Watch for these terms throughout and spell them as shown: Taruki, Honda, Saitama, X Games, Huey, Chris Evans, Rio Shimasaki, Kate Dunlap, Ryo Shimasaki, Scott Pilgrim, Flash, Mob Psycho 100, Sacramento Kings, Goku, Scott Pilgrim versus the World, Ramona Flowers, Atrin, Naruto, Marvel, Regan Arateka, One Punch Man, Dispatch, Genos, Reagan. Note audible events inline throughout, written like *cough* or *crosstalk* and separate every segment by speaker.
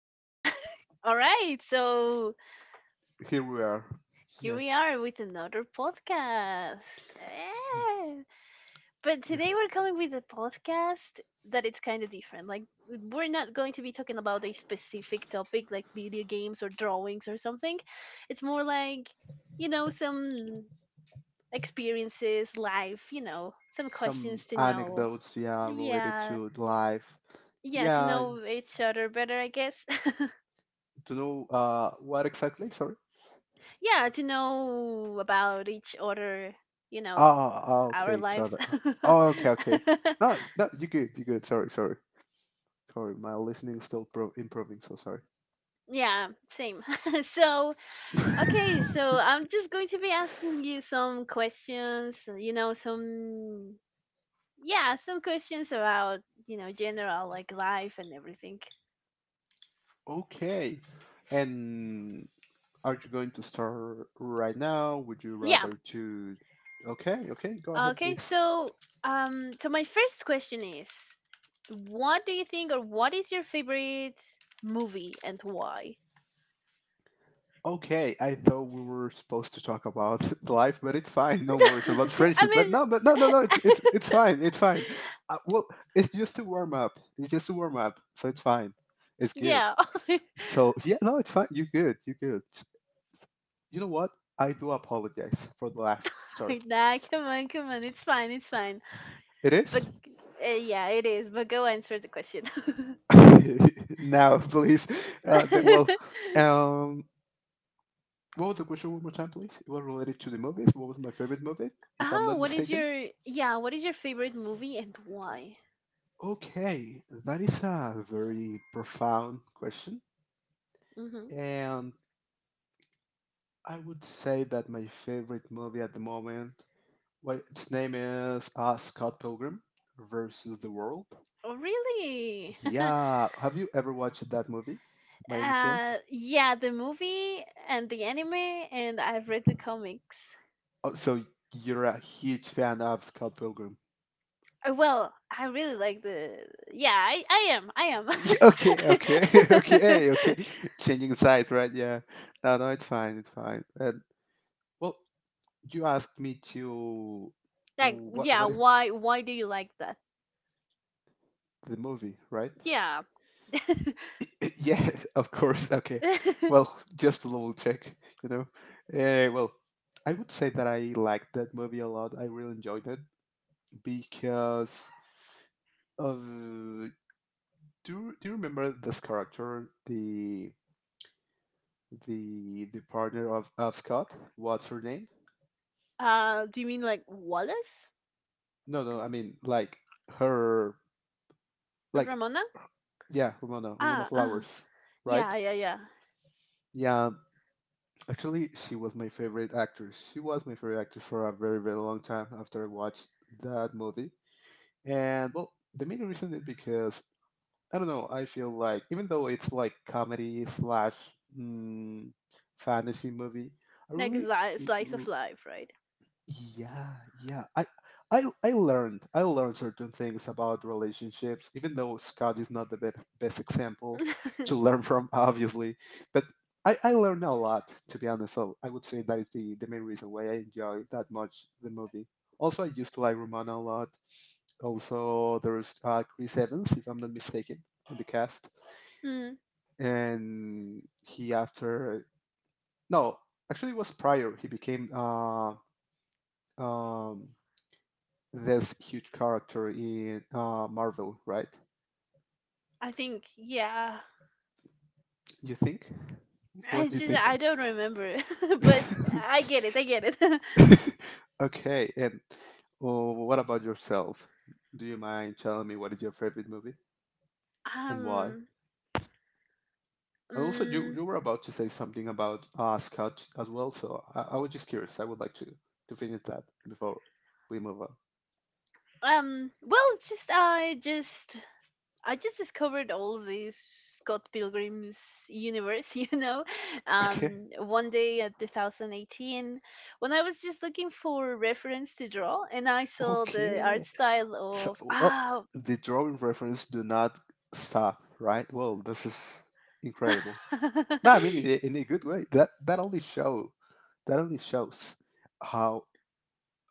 Speaker 1: *laughs* all right. So
Speaker 2: Here we are.
Speaker 1: here
Speaker 2: Yeah,
Speaker 1: we are with another podcast.
Speaker 2: yeah,
Speaker 1: Eh. But
Speaker 2: yeah.
Speaker 1: today we're coming with a podcast that it's kind of different. Like we're not going to be talking about a specific topic like video games or drawings or something. It's more like, some experiences, life, some questions
Speaker 2: Some
Speaker 1: to know.
Speaker 2: anecdotes, yeah, related
Speaker 1: Yeah.
Speaker 2: to life.
Speaker 1: Yeah, to
Speaker 2: Yeah,
Speaker 1: know each other better, I guess.
Speaker 2: to know what exactly? Sorry.
Speaker 1: Yeah, to know about each other, you know our
Speaker 2: Okay, each
Speaker 1: lives.
Speaker 2: other. Oh, okay, okay.
Speaker 1: *laughs*
Speaker 2: No, no, you good, you good. Sorry. My listening is still improving, so sorry.
Speaker 1: Yeah, same. *laughs* So okay, so I'm just going to be asking you some questions, you know some yeah, some questions about, general like life and everything.
Speaker 2: *laughs* Okay, and are you going to start right now? Would you
Speaker 1: Yeah,
Speaker 2: rather to? Okay, okay, go ahead,
Speaker 1: okay.
Speaker 2: please.
Speaker 1: So my first question is, what do you think, or what is your favorite movie and why?
Speaker 2: Okay, I thought we were supposed to talk about *laughs* life, but it's fine. No worries about
Speaker 1: *laughs* I
Speaker 2: friendship. But
Speaker 1: mean,
Speaker 2: no.
Speaker 1: *laughs*
Speaker 2: It's fine. It's fine. Uh, well, it's just to warm up. It's just to warm up. So it's fine. It's good.
Speaker 1: yeah. *laughs*
Speaker 2: So yeah, no, it's fine. You're good. You're good. You know what? I do apologize for the laugh. Sorry.
Speaker 1: Nah, come on, come on. It's fine, it's fine.
Speaker 2: It is.
Speaker 1: But yeah, it is. But go answer the question.
Speaker 2: *laughs* Now, please.
Speaker 1: *laughs*
Speaker 2: Well, um, what was the question one more time, please? It was related to the movies. What was my favorite movie, if I'm
Speaker 1: Ah,
Speaker 2: not
Speaker 1: what is
Speaker 2: mistaken?
Speaker 1: your, yeah, what is your favorite movie and why?
Speaker 2: Okay, that is a very profound question.
Speaker 1: Hmm.
Speaker 2: And I would say that my favorite movie at the moment, well, its name is Scott Pilgrim versus the World.
Speaker 1: Oh, really? *laughs*
Speaker 2: Yeah, have you ever watched that movie by any chance?
Speaker 1: Yeah, the movie and the anime, and I've read the comics.
Speaker 2: Oh, so you're a huge fan of Scott Pilgrim. *laughs*
Speaker 1: Well, I really like the yeah, I am. I am. *laughs*
Speaker 2: Okay, okay, *laughs* okay, okay. Changing sides, right? Yeah. No, no, it's fine, it's fine. And well, you asked me to
Speaker 1: Like,
Speaker 2: what
Speaker 1: yeah,
Speaker 2: what
Speaker 1: why do you like that?
Speaker 2: The movie, right?
Speaker 1: Yeah. *laughs*
Speaker 2: *laughs* Yeah, of course. Okay.
Speaker 1: *laughs*
Speaker 2: Well, just a little check, you know. Uh, well, I would say that I liked that movie a lot. I really enjoyed it because of do you remember this character, the partner of Scott? What's her name?
Speaker 1: Do you mean like Wallace?
Speaker 2: No, no, I mean like her like
Speaker 1: Ramona?
Speaker 2: yeah, Ramona, Ramona
Speaker 1: Ah, uh,
Speaker 2: Flowers, right?
Speaker 1: yeah, yeah, yeah.
Speaker 2: Yeah, actually, she was my favorite actress. She was my favorite actress for a very, very long time after I watched that movie. And, well, the main reason is because, I don't know, I feel like, even though it's like comedy slash mm, fantasy movie, I
Speaker 1: Like a
Speaker 2: really
Speaker 1: slice of
Speaker 2: l-
Speaker 1: life, right?
Speaker 2: yeah, yeah. I learned certain things about relationships, even though Scott is not the best example to
Speaker 1: *laughs*
Speaker 2: learn from, *laughs* obviously. But I learned a lot, to be honest. So I would say that is the main reason why I enjoy that much the movie. Also, I used to like Romana a lot. Also, there's Chris Evans, if I'm not mistaken, in the cast.
Speaker 1: Mm.
Speaker 2: And he asked her. No, actually it was prior. He became um this huge character in Marvel, right?
Speaker 1: I think, yeah.
Speaker 2: You think?
Speaker 1: I
Speaker 2: What do you
Speaker 1: just, I
Speaker 2: think?
Speaker 1: don't remember, *laughs* but
Speaker 2: *laughs*
Speaker 1: I get it. I get it. *laughs*
Speaker 2: Okay, and what about yourself? Do you mind telling me what is your favorite movie and why?
Speaker 1: um,
Speaker 2: And also,
Speaker 1: um,
Speaker 2: you were about to say something about Scout as well, so I was just curious. I would like to finish that before we move on.
Speaker 1: Well, it's just I just discovered all of this Scott Pilgrim's universe, *laughs* you know,
Speaker 2: Okay.
Speaker 1: one day at 2018 when I was just looking for reference to draw, and I saw the art
Speaker 2: Okay.
Speaker 1: style
Speaker 2: So,
Speaker 1: of,
Speaker 2: well,
Speaker 1: ah,
Speaker 2: the drawing reference do not stop, right? Well, this is incredible. No,
Speaker 1: *laughs*
Speaker 2: I mean in in a good way. That only shows how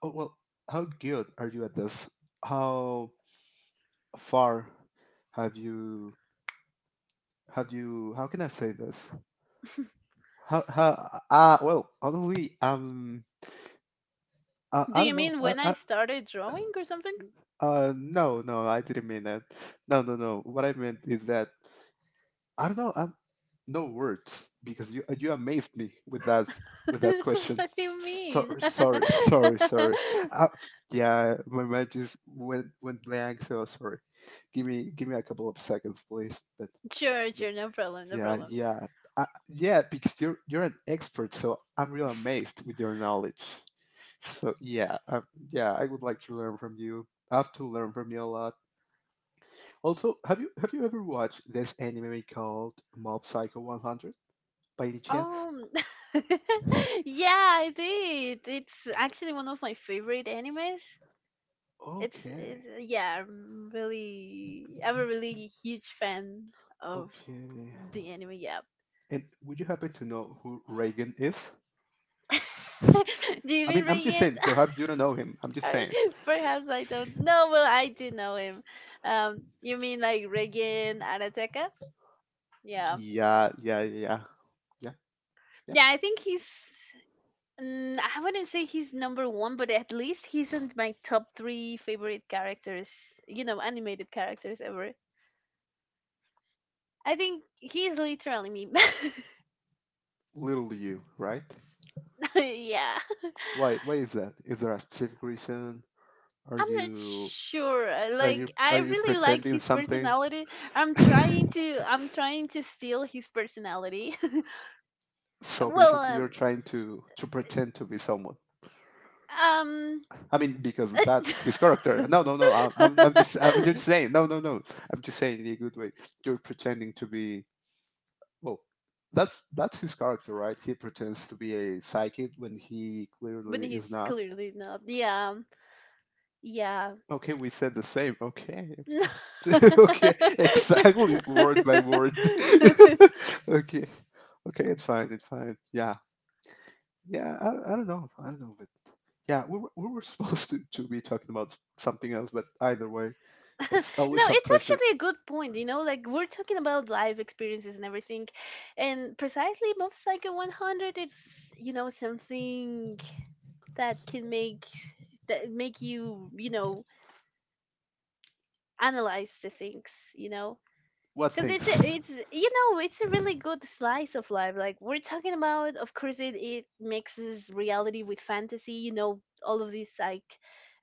Speaker 2: oh, well, how good are you at this? How far have you have you? How can I say this? How well, honestly, I,
Speaker 1: do
Speaker 2: I
Speaker 1: you
Speaker 2: don't know
Speaker 1: mean
Speaker 2: I,
Speaker 1: when I
Speaker 2: I,
Speaker 1: started drawing or something?
Speaker 2: no, no, I didn't mean that. No, no, no, what I meant is that I don't know. I'm no words because you amazed me
Speaker 1: *laughs*
Speaker 2: with that question.
Speaker 1: What do you mean? *laughs*
Speaker 2: Sorry. Uh, yeah, my mind just went blank. So sorry. Give me a couple of seconds, please. But
Speaker 1: Sure, sure, no problem, no
Speaker 2: yeah,
Speaker 1: problem.
Speaker 2: yeah, yeah. Because you're an expert, so I'm real amazed with your knowledge. So yeah, yeah. I would like to learn from you. I have to learn from you a lot. Also, have you ever watched this anime called Mob Psycho 100? By the chance?
Speaker 1: Um, *laughs* yeah, I did. It's actually one of my favorite animes. It's,
Speaker 2: Okay.
Speaker 1: it's uh, yeah, I'm a really huge fan of
Speaker 2: Okay.
Speaker 1: the anime. Yeah.
Speaker 2: And would you happen to know who Reagan is?
Speaker 1: *laughs* Do you
Speaker 2: I
Speaker 1: mean
Speaker 2: mean, I'm just
Speaker 1: Regent?
Speaker 2: saying, perhaps you don't know him. I'm
Speaker 1: *laughs*
Speaker 2: just
Speaker 1: I-
Speaker 2: saying.
Speaker 1: perhaps I don't know, but I do know him. You mean like Regan Arateka? Yeah,
Speaker 2: Yeah. Yeah, yeah.
Speaker 1: yeah. I think he's, mm, I wouldn't say he's number one, but at least he's in my top three favorite characters. You know, animated characters ever. I think he's literally me.
Speaker 2: Little you, right?
Speaker 1: *laughs* Yeah. *laughs*
Speaker 2: Why is that? Is there a specific reason? Are
Speaker 1: I'm not
Speaker 2: you
Speaker 1: sure. Like I
Speaker 2: are you
Speaker 1: really like
Speaker 2: pretending
Speaker 1: his
Speaker 2: something?
Speaker 1: personality.
Speaker 2: *laughs*
Speaker 1: I'm trying to steal his personality. *laughs*
Speaker 2: So
Speaker 1: Well,
Speaker 2: basically you're
Speaker 1: um
Speaker 2: trying to pretend to be someone.
Speaker 1: um
Speaker 2: I mean, because that's his character. No, no, no. I'm just
Speaker 1: *laughs*
Speaker 2: saying. No, no, no. I'm just saying in a good way. You're pretending to be. Well, that's his character, right? He pretends to be a psychic when he
Speaker 1: but
Speaker 2: clearly is
Speaker 1: he's
Speaker 2: not.
Speaker 1: clearly not. Yeah. Yeah.
Speaker 2: Okay, we said the same. Okay,
Speaker 1: *laughs* No,
Speaker 2: okay, *laughs* okay. Exactly, word by word. *laughs* Okay, okay. It's fine. It's fine. Yeah, yeah. I don't know. I don't know, but yeah, we were supposed to be talking about something else, but either way, it's always a
Speaker 1: it's
Speaker 2: pleasure.
Speaker 1: actually a good point, you know, like we're talking about life experiences and everything. And precisely Mob Psycho 100, it's, you know, something that can make, that make you, you know, analyze the things, you know,
Speaker 2: What
Speaker 1: because it's a,
Speaker 2: things?
Speaker 1: it's you know, it's a really good slice of life, like we're talking about. Of course it, it mixes reality with fantasy, you know, all of these like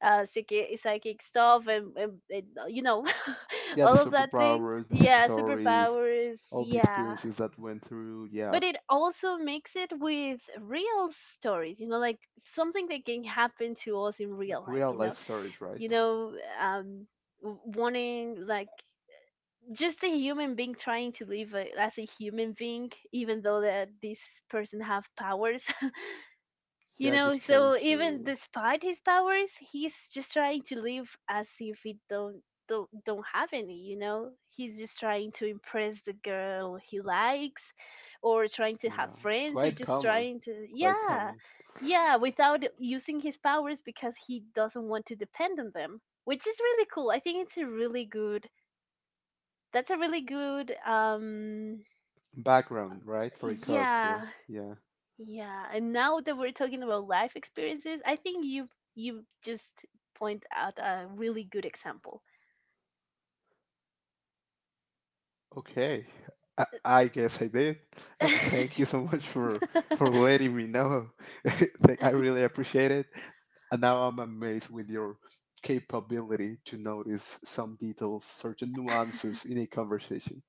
Speaker 1: psychic stuff and you know, *laughs*
Speaker 2: Yeah, the
Speaker 1: all of that things,
Speaker 2: superpowers, the
Speaker 1: yeah,
Speaker 2: stories,
Speaker 1: superpowers,
Speaker 2: all the
Speaker 1: yeah.
Speaker 2: experiences that went through. Yeah,
Speaker 1: But it also makes it with real stories, you know, like something that can happen to us in
Speaker 2: like
Speaker 1: real life,
Speaker 2: real
Speaker 1: you know.
Speaker 2: life stories, right?
Speaker 1: you know um Wanting like just a human being trying to live a, as a human being, even though that this person have powers, you
Speaker 2: Yeah,
Speaker 1: know,
Speaker 2: just trying
Speaker 1: so even
Speaker 2: to.
Speaker 1: despite his powers, he's just trying to live as if he don't have any, you know? He's just trying to impress the girl he likes, or trying to have
Speaker 2: Yeah,
Speaker 1: friends, or
Speaker 2: quite
Speaker 1: just
Speaker 2: common,
Speaker 1: trying to,
Speaker 2: quite
Speaker 1: yeah.
Speaker 2: common
Speaker 1: Yeah, without using his powers because he doesn't want to depend on them, which is really cool. I think it's a really good that's a really good
Speaker 2: background, right, for a character.
Speaker 1: yeah.
Speaker 2: Yeah.
Speaker 1: Yeah, and now that we're talking about life experiences, I think you just point out a really good example.
Speaker 2: Okay,
Speaker 1: *laughs*
Speaker 2: I guess I did. And thank you
Speaker 1: *laughs*
Speaker 2: so *laughs* much for letting me know. *laughs* I really appreciate it. And now I'm amazed with your capability to notice some details, certain nuances in a conversation.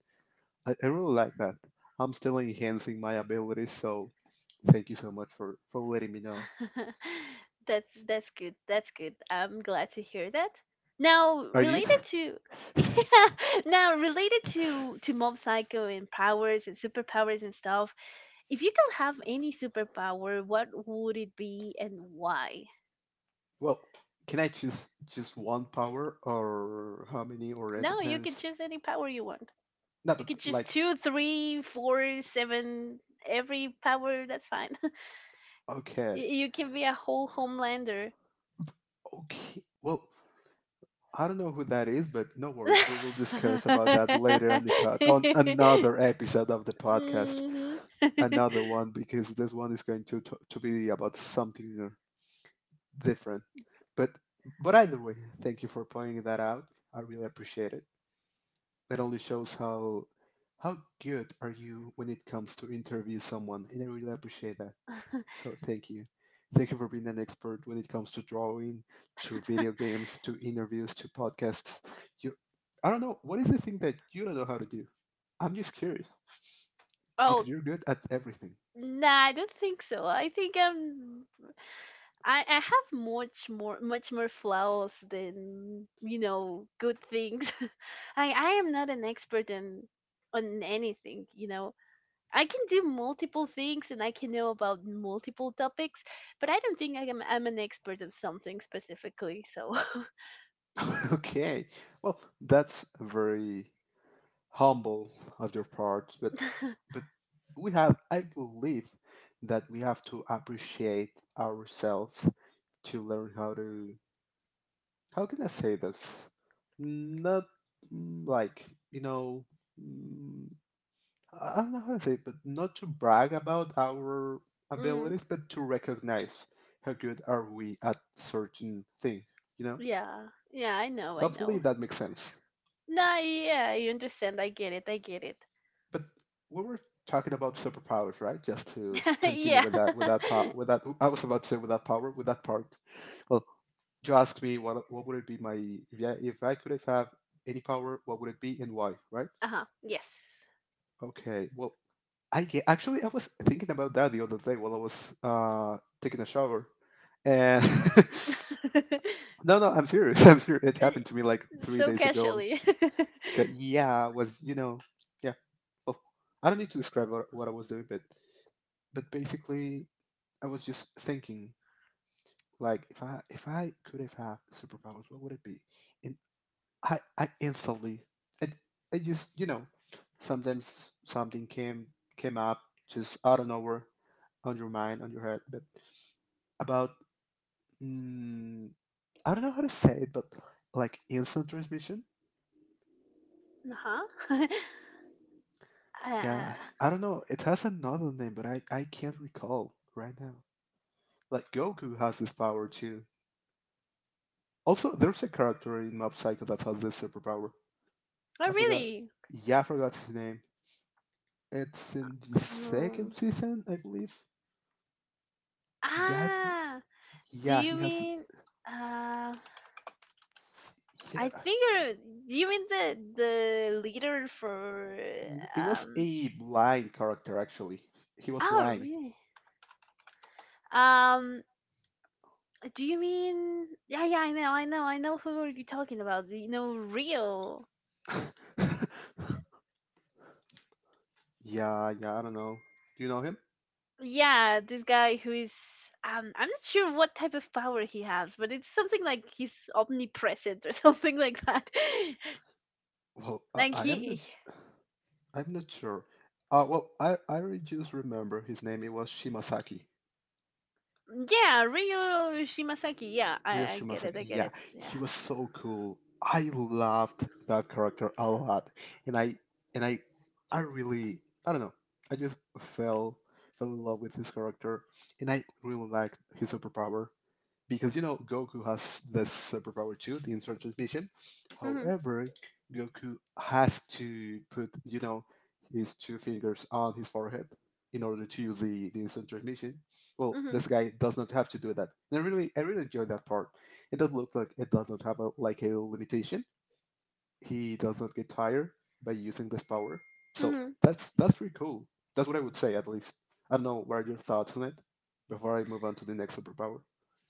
Speaker 2: I really like that. I'm still enhancing my abilities, so thank you so much for letting me know.
Speaker 1: That's good. That's good. I'm glad to hear that. Now,
Speaker 2: Are you?
Speaker 1: related to *laughs* yeah, now related to Mob Psycho and powers and superpowers and stuff. If you could have any superpower, what would it be and why?
Speaker 2: Well, can I choose just one power or how many or it
Speaker 1: No, you can
Speaker 2: depends?
Speaker 1: choose any power you want.
Speaker 2: No,
Speaker 1: You
Speaker 2: but
Speaker 1: can choose
Speaker 2: like
Speaker 1: two, three, four, seven, every power. That's fine. *laughs*
Speaker 2: okay.
Speaker 1: You can be a whole homelander.
Speaker 2: Okay. Well, I don't know who that is, but no worries. We will
Speaker 1: *laughs*
Speaker 2: discuss about that later on the pod on another episode of the podcast.
Speaker 1: Hmm.
Speaker 2: Another
Speaker 1: *laughs*
Speaker 2: one because this one is going to to be about something different. But either way, thank you for pointing that out. I really appreciate it. It only shows how good are you when it comes to interview someone, and I really appreciate that. So thank you. Thank you for being an expert when it comes to drawing, to video games, to interviews, to podcasts. You, I don't know what is the thing that you don't know how to do. I'm just curious because
Speaker 1: Oh,
Speaker 2: you're good at everything.
Speaker 1: nah, I don't think so. I think I'm. I have much more flaws than, you know, good things. *laughs* I am not an expert in, on anything. You know, I can do multiple things and I can know about multiple topics, but I don't think I'm an expert in something specifically. So,
Speaker 2: *laughs* Okay, well that's very humble of your part, but
Speaker 1: *laughs*
Speaker 2: but we have, I believe that we have to appreciate ourselves to learn how to how can I say this? Not like you know, mm, I don't know how to say it, but not to brag about our
Speaker 1: mm,
Speaker 2: abilities, but to recognize how good are we at certain thing. You know,
Speaker 1: yeah, yeah, I know, I
Speaker 2: hopefully
Speaker 1: know.
Speaker 2: that makes sense.
Speaker 1: No, yeah, you understand. I get it. I get it.
Speaker 2: But we were talking about superpowers, right? Just to
Speaker 1: *laughs*
Speaker 2: continue
Speaker 1: Yeah.
Speaker 2: with that
Speaker 1: *laughs*
Speaker 2: part, with that. I was about to say with that power, with that part. Well, you asked me what would it be my if if I could have any power, what would it be and why, right?
Speaker 1: Uh huh. Yes.
Speaker 2: Okay. Well, actually I was thinking about that the other day while I was taking a shower, and *laughs*
Speaker 1: *laughs*
Speaker 2: no, no, I'm serious. *laughs* I'm serious. It
Speaker 1: Uh,
Speaker 2: happened to me like three
Speaker 1: so
Speaker 2: days ago.
Speaker 1: casually. *laughs* Uh
Speaker 2: 'Cause- Yeah, I was you know, yeah. Oh, I don't need to describe what I was doing, but basically, I was just thinking like if I could have had superpowers, what would it be? And I I instantly I, I just you know sometimes something came up just out of nowhere on your mind on your head, but about mm, I don't know how to say it, but like instant transmission.
Speaker 1: huh. *laughs*
Speaker 2: Yeah,
Speaker 1: Uh,
Speaker 2: I don't know. It has another name, but I can't recall right now. Like Goku has this power too. Also, there's a character in Mob Psycho that has this superpower.
Speaker 1: oh,
Speaker 2: I forgot.
Speaker 1: really?
Speaker 2: Yeah, I forgot his name. It's in the second
Speaker 1: Um,
Speaker 2: season, I believe. Yeah, I for-
Speaker 1: ah, do
Speaker 2: yeah,
Speaker 1: you
Speaker 2: he has.
Speaker 1: mean? Uh, I
Speaker 2: Yeah,
Speaker 1: think do you mean the leader for
Speaker 2: it was
Speaker 1: um
Speaker 2: a blind character actually. He was
Speaker 1: oh,
Speaker 2: blind.
Speaker 1: really. um do you mean, yeah, yeah, I know, I know, I know who are you talking about, you know, Rio?
Speaker 2: Yeah, yeah, I don't know. Do you know him?
Speaker 1: Yeah, this guy who is, I'm not sure what type of power he has, but it's something like he's omnipresent or *laughs* something like that.
Speaker 2: Well,
Speaker 1: *laughs* like
Speaker 2: I am not.
Speaker 1: he
Speaker 2: I'm not sure. Well, just remember his name. It was Shimasaki.
Speaker 1: Yeah, Rio Shimasaki, yeah,
Speaker 2: Ryo
Speaker 1: I get it,
Speaker 2: Shimasaki.
Speaker 1: I get
Speaker 2: Yeah,
Speaker 1: it, yeah.
Speaker 2: he was so cool. I loved that character a lot, and I and I really I don't know. I just fell in love with his character, and I really liked his superpower because you know Goku has this superpower too, the instant transmission.
Speaker 1: Mhm.
Speaker 2: However, Goku has to put you know his two fingers on his forehead in order to use the instant transmission. Well,
Speaker 1: Mhm.
Speaker 2: this guy does not have to do that. And I really enjoy that part. It does look like it does not have a, like a limitation. He does not get tired by using this power. So
Speaker 1: Mhm.
Speaker 2: that's pretty cool. That's what I would say at least. I don't know what are your thoughts on it before I move on to the next superpower.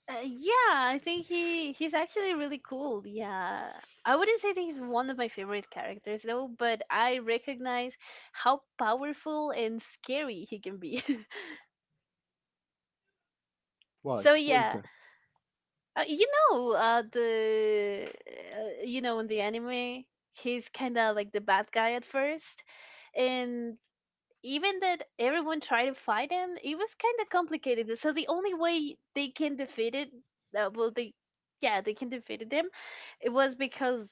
Speaker 1: Yeah, I think he's actually really cool. Yeah. I wouldn't say that he's one of my favorite characters though, but I recognize how powerful and scary he can be. *laughs*
Speaker 2: Why?
Speaker 1: So
Speaker 2: Why is
Speaker 1: yeah,
Speaker 2: that?
Speaker 1: you know, the you know, in the anime, he's kind of like the bad guy at first. And even that everyone tried to fight him, it was kind of complicated. So the only way they can defeat it, uh, well, they, yeah, they can defeat them, it was because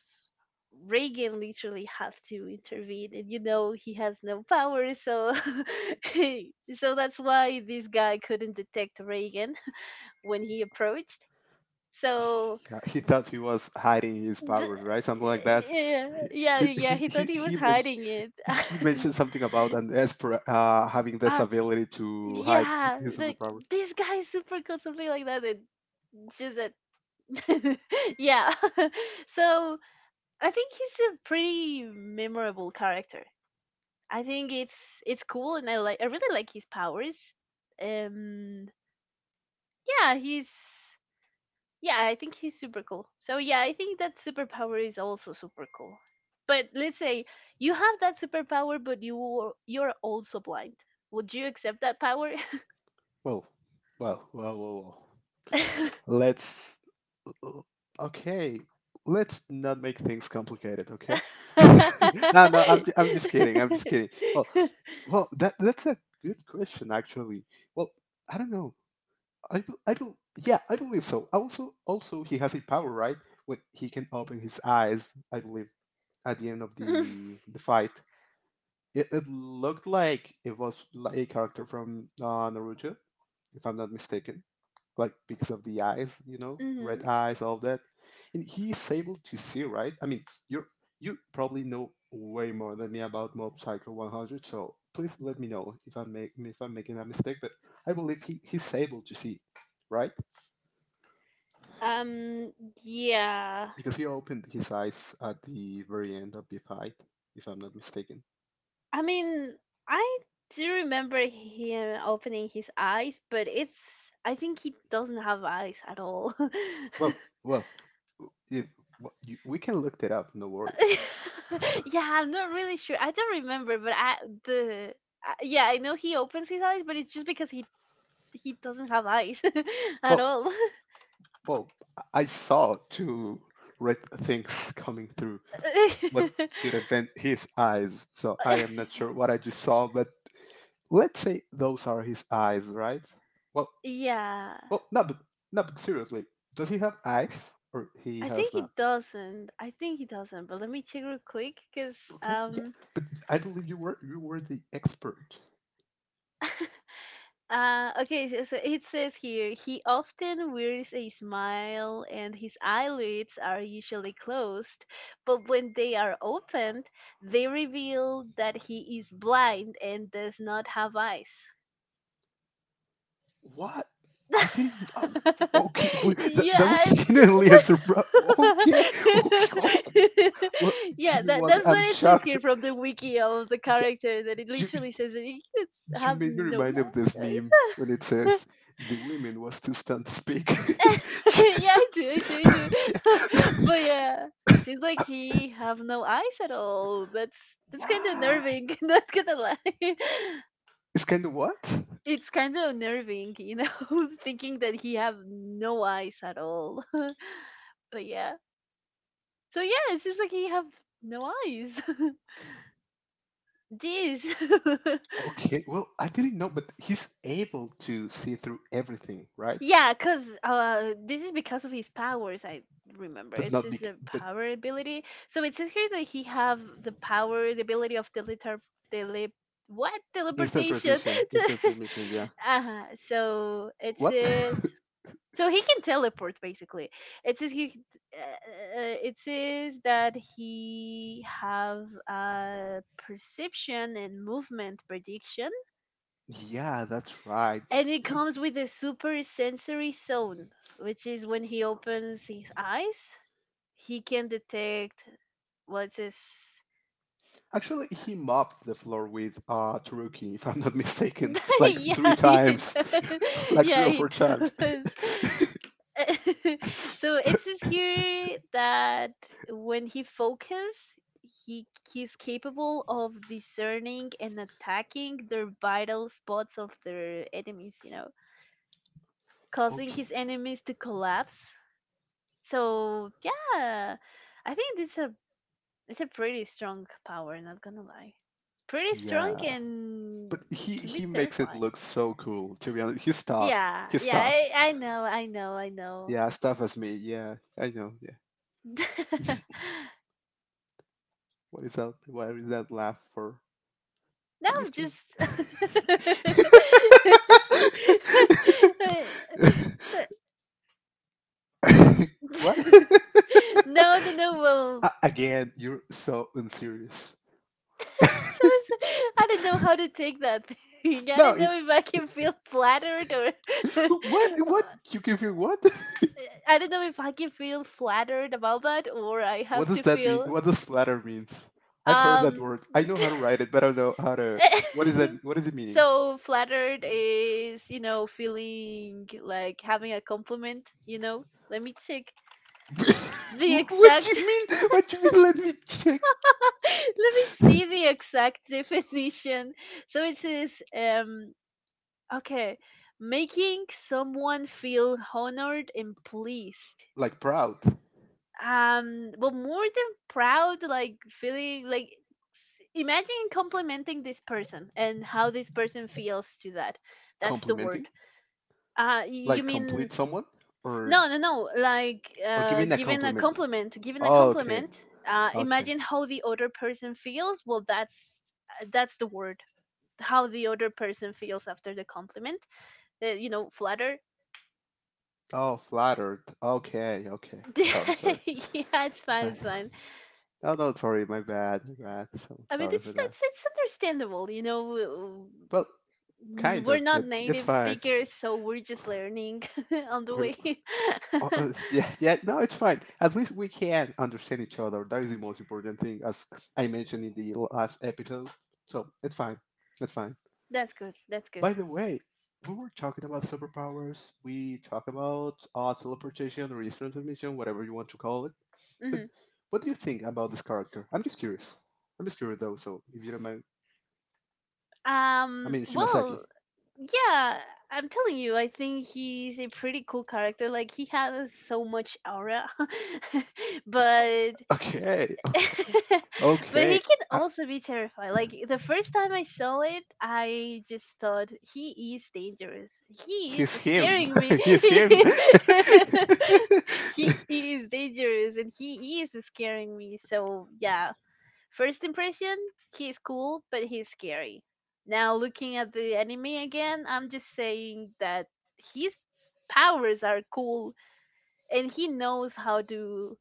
Speaker 1: Reagan literally had to intervene, and you know he has no power, so *laughs* so that's why this guy couldn't detect Reagan *laughs* when he approached. So.
Speaker 2: Yeah, he thought he was hiding his
Speaker 1: th-
Speaker 2: powers, right? Something like that.
Speaker 1: yeah, yeah,
Speaker 2: He
Speaker 1: yeah.
Speaker 2: he
Speaker 1: He thought
Speaker 2: he
Speaker 1: he was
Speaker 2: he men-
Speaker 1: hiding it.
Speaker 2: he mentioned something about an
Speaker 1: *laughs*
Speaker 2: esper having this
Speaker 1: Ah,
Speaker 2: ability to hide
Speaker 1: yeah,
Speaker 2: his
Speaker 1: like
Speaker 2: superpower.
Speaker 1: this guy is super cool, something like that. And just that, *laughs* yeah. *laughs* So I think he's a pretty memorable character. I think it's cool, and I really like his powers. Um, yeah, he's yeah, I think he's super cool. So yeah, I think that superpower is also super cool. But let's say you have that superpower, but you're also blind. Would you accept that power?
Speaker 2: Well, well.
Speaker 1: *laughs*
Speaker 2: Let's Okay. Let's not make things complicated, okay? *laughs* no, no, I'm ju- I'm just kidding. I'm just kidding.
Speaker 1: *laughs*
Speaker 2: Well, well, that's a good question actually. Well, I don't know. I bel Yeah, I believe so. Also, also he has a power, right? When he can open his eyes, I believe at the end of
Speaker 1: Hmm.
Speaker 2: the fight, it looked like it was like a character from Naruto, if I'm not mistaken. Like because of the eyes, you know, red eyes, all that, and he's able to see, right? I mean, you you probably know way more than me about Mob Psycho 100, so please let me know if if I'm making a mistake. But I believe he's able to see, right?
Speaker 1: Um, yeah.
Speaker 2: Because he opened his eyes at the very end of the fight, if I'm not mistaken.
Speaker 1: I mean, I do remember him opening his eyes, but it's, I think he doesn't have eyes at all. *laughs*
Speaker 2: Well,
Speaker 1: *laughs*
Speaker 2: well, if, w- you, we can look that up. No worries.
Speaker 1: Yeah, I'm not really sure. I don't remember, but I the yeah, I know he opens his eyes, but it's just because he doesn't have eyes *laughs* at
Speaker 2: Well,
Speaker 1: all.
Speaker 2: well, I saw two red things coming through. What
Speaker 1: *laughs*
Speaker 2: should have been his eyes? So I am not sure
Speaker 1: *laughs*
Speaker 2: what I just saw, but let's say those are his eyes, right? Well, s-
Speaker 1: Yeah.
Speaker 2: well, no, but no, but seriously, does he have eyes or he
Speaker 1: I
Speaker 2: has
Speaker 1: think
Speaker 2: not?
Speaker 1: he doesn't. I think he doesn't. But let me check real quick, cause
Speaker 2: Okay, yeah,
Speaker 1: um,
Speaker 2: but I believe you were the expert.
Speaker 1: *laughs* okay. So, so it says here, he often wears a smile, and his eyelids are usually closed, but when they are opened, they reveal that he is blind and does not have eyes.
Speaker 2: What? I didn't. Oh, okay, wait,
Speaker 1: *laughs* Yeah,
Speaker 2: that was *laughs*
Speaker 1: I
Speaker 2: genuinely a surprise. Okay, okay,
Speaker 1: *laughs*
Speaker 2: okay. Well,
Speaker 1: yeah,
Speaker 2: give me
Speaker 1: that
Speaker 2: one.
Speaker 1: that's
Speaker 2: I'm
Speaker 1: what it says
Speaker 2: shocked.
Speaker 1: here from the wiki of the character, that it
Speaker 2: Yeah, you,
Speaker 1: literally says that you can
Speaker 2: you
Speaker 1: have
Speaker 2: made me
Speaker 1: no,
Speaker 2: remind of this
Speaker 1: yeah.
Speaker 2: meme when it says the women was too stunned to speak. *laughs*
Speaker 1: *laughs* Yeah, I do, I do, I do. *laughs*
Speaker 2: Yeah.
Speaker 1: But
Speaker 2: *laughs*
Speaker 1: yeah, seems like he have no eyes at all. That's kind of
Speaker 2: What?
Speaker 1: nerving. *laughs* Not gonna lie. *laughs*
Speaker 2: It's kind of what?
Speaker 1: It's kind of nerving, you know, *laughs* thinking that he have no eyes at all. *laughs* But yeah, so yeah, it seems like he have no eyes. *laughs* Jeez. *laughs*
Speaker 2: Okay, well, I didn't know, but he's able to see through everything, right?
Speaker 1: Yeah, cause this is because of his powers. I remember
Speaker 2: But
Speaker 1: it's
Speaker 2: not
Speaker 1: his
Speaker 2: big. But
Speaker 1: power ability. So it says here that he have the power, the ability of teletar, tele, what,
Speaker 2: instant
Speaker 1: teleportation.
Speaker 2: transmission, instant
Speaker 1: *laughs*
Speaker 2: transmission. Yeah.
Speaker 1: Uh-huh. So it
Speaker 2: What?
Speaker 1: says.
Speaker 2: *laughs*
Speaker 1: So he can teleport basically. It says he, it says that he have uh, perception and movement prediction,
Speaker 2: Yeah, that's right.
Speaker 1: and it
Speaker 2: He
Speaker 1: comes with a super sensory zone, which is when he opens his eyes, he can detect what's his.
Speaker 2: he mopped the floor with Taruki, if I'm not mistaken, *laughs*
Speaker 1: *laughs*
Speaker 2: like three
Speaker 1: Yeah, he
Speaker 2: times,
Speaker 1: does.
Speaker 2: *laughs*
Speaker 1: *laughs*
Speaker 2: like three
Speaker 1: Yeah,
Speaker 2: or four
Speaker 1: he
Speaker 2: times.
Speaker 1: does. *laughs* So it says here that when he focuses, he he's capable of discerning and attacking their vital spots of their enemies. You know, causing
Speaker 2: Okay.
Speaker 1: his enemies to collapse. So yeah, I think it's a pretty strong power. Not gonna lie, pretty strong,
Speaker 2: Yeah, but
Speaker 1: and can be
Speaker 2: he makes it
Speaker 1: terrifying.
Speaker 2: look so cool. To be honest, he's tough.
Speaker 1: Yeah,
Speaker 2: He's
Speaker 1: yeah,
Speaker 2: tough.
Speaker 1: I know, I know, I know.
Speaker 2: Yeah, as tough as me. Yeah, I know. Yeah.
Speaker 1: *laughs*
Speaker 2: What is that? What is that laugh for?
Speaker 1: Now
Speaker 2: I'm just kidding.
Speaker 1: just,
Speaker 2: *laughs* What? *laughs*
Speaker 1: no, no, no. Well,
Speaker 2: Again, you're so unserious.
Speaker 1: *laughs* so it's- I don't know how to take that thing. *laughs* I
Speaker 2: No,
Speaker 1: don't
Speaker 2: it,
Speaker 1: know if I can feel flattered or
Speaker 2: What? What?
Speaker 1: *laughs*
Speaker 2: You give you what?
Speaker 1: I don't know if I can feel flattered about that, or I
Speaker 2: *laughs* What
Speaker 1: have
Speaker 2: does
Speaker 1: to
Speaker 2: that mean?
Speaker 1: feel
Speaker 2: What does flatter means? I've heard that
Speaker 1: um
Speaker 2: word. I know how to write it, but I don't know how to. What is that?
Speaker 1: *laughs*
Speaker 2: What is it meaning?
Speaker 1: so flattered is, you know, feeling like having a compliment, you know. Let me check
Speaker 2: *laughs*
Speaker 1: the
Speaker 2: What
Speaker 1: exact
Speaker 2: you
Speaker 1: *laughs*
Speaker 2: mean? What you mean? Let me check.
Speaker 1: let me see the exact definition. So it says okay, making someone feel honored and pleased.
Speaker 2: Like proud,
Speaker 1: Well, more than proud, like feeling like imagine complimenting this person and how this person feels to that. That's the word.
Speaker 2: complimenting,
Speaker 1: You
Speaker 2: like
Speaker 1: mean
Speaker 2: complete someone, or
Speaker 1: no like
Speaker 2: or giving a
Speaker 1: giving a
Speaker 2: compliment.
Speaker 1: compliment,
Speaker 2: Oh, okay, okay.
Speaker 1: imagine how the other person feels. Well, that's the word. How the other person feels after the compliment, you know, flatter.
Speaker 2: Oh, flattered. Okay, okay.
Speaker 1: *laughs* Yeah,
Speaker 2: Sorry, sorry.
Speaker 1: it's
Speaker 2: *laughs*
Speaker 1: fine, it's fine.
Speaker 2: Oh no, sorry. My bad. My bad. So
Speaker 1: I mean,
Speaker 2: sorry for that.
Speaker 1: it's understandable, you know.
Speaker 2: Well, kind
Speaker 1: We're
Speaker 2: of,
Speaker 1: not
Speaker 2: but it's
Speaker 1: native
Speaker 2: fine.
Speaker 1: speakers, so we're just learning *laughs* on the
Speaker 2: We're,
Speaker 1: way. *laughs*
Speaker 2: *laughs* yeah, yeah, no, it's fine. At least we can understand each other. That is the most important thing, as I mentioned in the last episode. So it's fine. It's fine.
Speaker 1: That's good. That's good.
Speaker 2: By the way, we were talking about superpowers. We talk about teleportation or instant transmission, whatever you want to call it. But
Speaker 1: Hmm.
Speaker 2: what do you think about this character? I'm just curious. I'm just curious, though. So if you don't mind, I mean
Speaker 1: Well,
Speaker 2: Shimasaki.
Speaker 1: yeah. I'm telling you, I think he's a pretty cool character. Like he has so much aura, *laughs* but
Speaker 2: Okay, okay,
Speaker 1: *laughs* but he
Speaker 2: okay.
Speaker 1: can also be terrifying. Like the first time I saw it, I just thought he is dangerous. He is
Speaker 2: He's him.
Speaker 1: scaring me.
Speaker 2: *laughs* He's him.
Speaker 1: *laughs* he,
Speaker 2: *laughs*
Speaker 1: he is dangerous and he is scaring me. So yeah, first impression, he's cool, but he's scary. Now looking at the anime again, I'm just saying that his powers are cool and he knows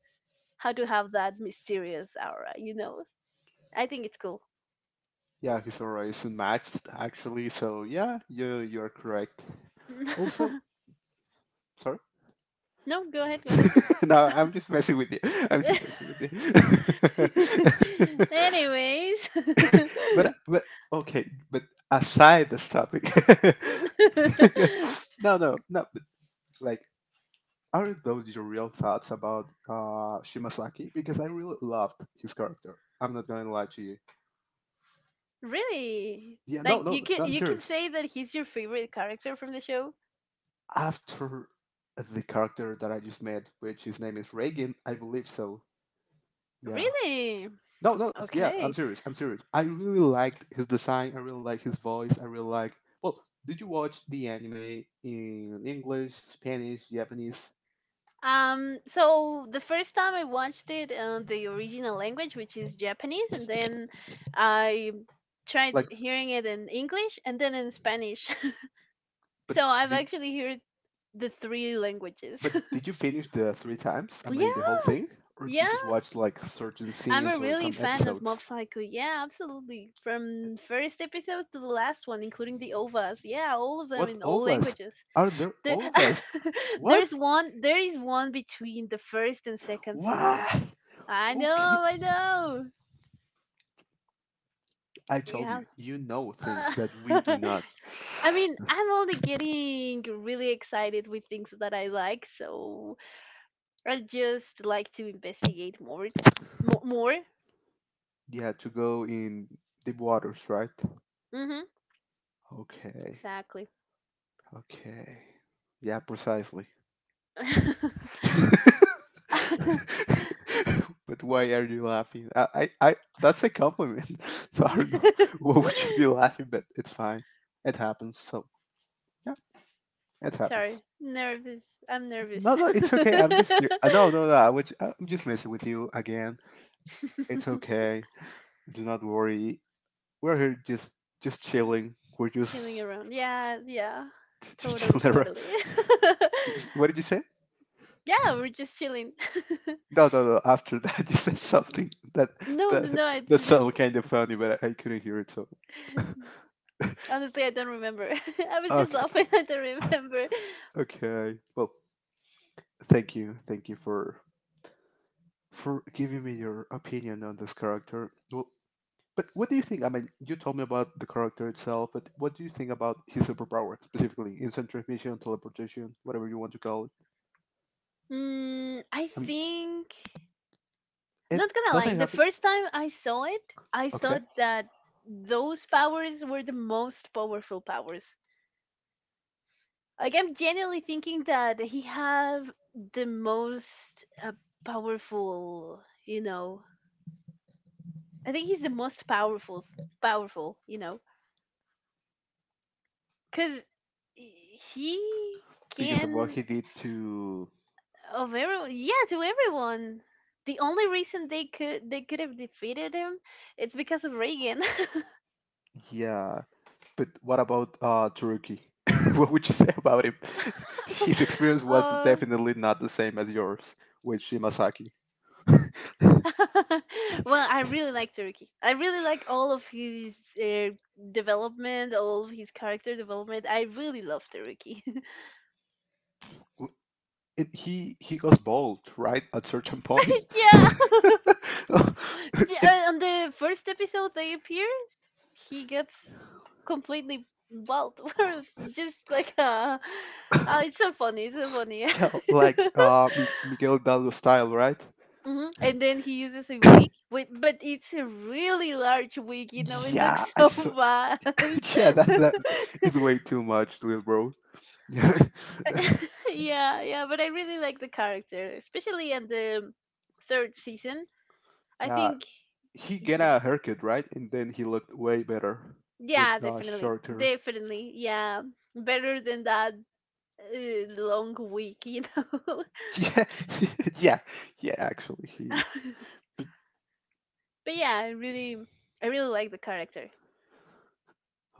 Speaker 1: how to have that mysterious aura, you know. I think it's cool.
Speaker 2: Yeah, his aura is unmatched actually. So yeah, you're correct. Also,
Speaker 1: *laughs*
Speaker 2: sorry.
Speaker 1: No, go ahead, go ahead.
Speaker 2: *laughs* No, I'm just messing with you. I'm just messing with
Speaker 1: *laughs*
Speaker 2: you. *laughs*
Speaker 1: Anyways,
Speaker 2: But okay. But aside this topic. *laughs*
Speaker 1: *laughs*
Speaker 2: No, no, no. But like, are those your real thoughts about Shimasaki? Because I really loved his character. I'm not going to lie to you.
Speaker 1: really,
Speaker 2: Yeah, no,
Speaker 1: like
Speaker 2: no, no. No, I'm
Speaker 1: you can
Speaker 2: serious.
Speaker 1: say that he's your favorite character from the show.
Speaker 2: After the character that I just met, which his name is Reagan, I believe so. Yeah.
Speaker 1: Really?
Speaker 2: No, no, yeah, I'm
Speaker 1: Okay.
Speaker 2: serious. I'm serious. I really liked his design. I really like his voice. I really like. Well, did you watch the anime in English, Spanish, Japanese?
Speaker 1: So the first time I watched it, the original language, which is Japanese, and then I tried
Speaker 2: Like,
Speaker 1: hearing it in English and then in Spanish. *laughs*
Speaker 2: but
Speaker 1: So I've
Speaker 2: did
Speaker 1: actually heard the three languages.
Speaker 2: but did you finish the three times? I
Speaker 1: Yeah,
Speaker 2: mean, the whole thing, or did you
Speaker 1: yeah.
Speaker 2: just watch like certain
Speaker 1: I'm a
Speaker 2: scenes or
Speaker 1: really
Speaker 2: some
Speaker 1: fan of
Speaker 2: episodes?
Speaker 1: Mob Psycho. Yeah, absolutely. From first episode to the last one, including the OVAs. Yeah, all of them
Speaker 2: What
Speaker 1: in all
Speaker 2: ovas?
Speaker 1: languages.
Speaker 2: Are there
Speaker 1: There,
Speaker 2: ovas?
Speaker 1: *laughs*
Speaker 2: What?
Speaker 1: there's one. There is one between the first and second season.
Speaker 2: What?
Speaker 1: I know.
Speaker 2: Okay.
Speaker 1: I know.
Speaker 2: I told
Speaker 1: Yeah.
Speaker 2: you, you know things
Speaker 1: Uh,
Speaker 2: that we do
Speaker 1: *laughs*
Speaker 2: not.
Speaker 1: I mean, I'm only getting really excited with things that I like, so I just like to investigate more. More, more.
Speaker 2: Yeah, to go in deep waters, right?
Speaker 1: Mhm.
Speaker 2: Okay,
Speaker 1: Exactly.
Speaker 2: okay. Yeah, precisely.
Speaker 1: *laughs*
Speaker 2: *laughs* But
Speaker 1: *laughs*
Speaker 2: why are you laughing? I That's a compliment. *laughs* So I don't know *laughs* what would you be laughing, but it's fine. It happens. So yeah, it happens.
Speaker 1: Sorry, nervous. I'm nervous.
Speaker 2: No, no, it's okay.
Speaker 1: *laughs*
Speaker 2: No, no, no. I'm just messing with you again. It's okay. Do not worry. We're here just chilling. We're
Speaker 1: Chilling
Speaker 2: just
Speaker 1: around. Yeah, yeah.
Speaker 2: *laughs* just
Speaker 1: Totally,
Speaker 2: chilling around.
Speaker 1: totally.
Speaker 2: *laughs* What did you
Speaker 1: *laughs*
Speaker 2: say?
Speaker 1: Yeah, we're just chilling. *laughs*
Speaker 2: No, no, no. After that, *laughs* you said something
Speaker 1: No, no,
Speaker 2: that
Speaker 1: no, I
Speaker 2: that
Speaker 1: didn't.
Speaker 2: sounded kind of funny, but I couldn't hear it. So
Speaker 1: *laughs* Honestly, I don't remember. *laughs* I was just
Speaker 2: okay,
Speaker 1: laughing. *laughs* I don't remember.
Speaker 2: *laughs* okay. Well, thank you for giving me your opinion on this character. Well, but what do you think? I mean, you told me about the character itself, but what do you think about his superpower specifically? Instant transmission, teleportation, whatever you want to call it.
Speaker 1: I
Speaker 2: I mean,
Speaker 1: think,
Speaker 2: it
Speaker 1: not gonna lie,
Speaker 2: doesn't
Speaker 1: the
Speaker 2: have it.
Speaker 1: first time I saw it, I
Speaker 2: Okay.
Speaker 1: thought that those powers were the most powerful powers. Like I'm genuinely thinking that he have the most powerful, you know. I think he's the most powerful, powerful, you know, because he
Speaker 2: Because of what
Speaker 1: can
Speaker 2: he did to
Speaker 1: of everyone, yeah, to everyone. The only reason they could have defeated him, it's because of Reagan.
Speaker 2: yeah but what about Turkey *laughs* what would you say about him *laughs* his
Speaker 1: *laughs*
Speaker 2: experience was
Speaker 1: uh,
Speaker 2: definitely not the same as yours with Shimasaki
Speaker 1: *laughs* well, I really like Turkey. I really like all of his uh, development, all of his character development. I really love Turkey. *laughs*
Speaker 2: W- it, he goes bald right at certain point *laughs*
Speaker 1: Yeah. *laughs* But
Speaker 2: and
Speaker 1: yeah, on the first episode they appear, he gets completely bald. *laughs* Or just like it's so funny. It's so funny.
Speaker 2: yeah
Speaker 1: *laughs*
Speaker 2: like uh Miguel Dallo style right
Speaker 1: Hmm. And then he uses a
Speaker 2: *coughs*
Speaker 1: wig, wait, but it's a really large wig. You know, it
Speaker 2: yeah
Speaker 1: looks
Speaker 2: I
Speaker 1: so
Speaker 2: saw
Speaker 1: bad. *laughs*
Speaker 2: *laughs* yeah that is way too much little bro *laughs*
Speaker 1: Yeah, yeah, but I really like the character, especially in the third season. I
Speaker 2: yeah
Speaker 1: think,
Speaker 2: he get
Speaker 1: yeah,
Speaker 2: a haircut, right? And then he looked way better with
Speaker 1: yeah, definitely,
Speaker 2: shorter.
Speaker 1: definitely, yeah, better than that long week, you know.
Speaker 2: *laughs*
Speaker 1: *laughs*
Speaker 2: Yeah, *laughs* yeah, yeah. Actually,
Speaker 1: But
Speaker 2: he.
Speaker 1: yeah, I really like the character.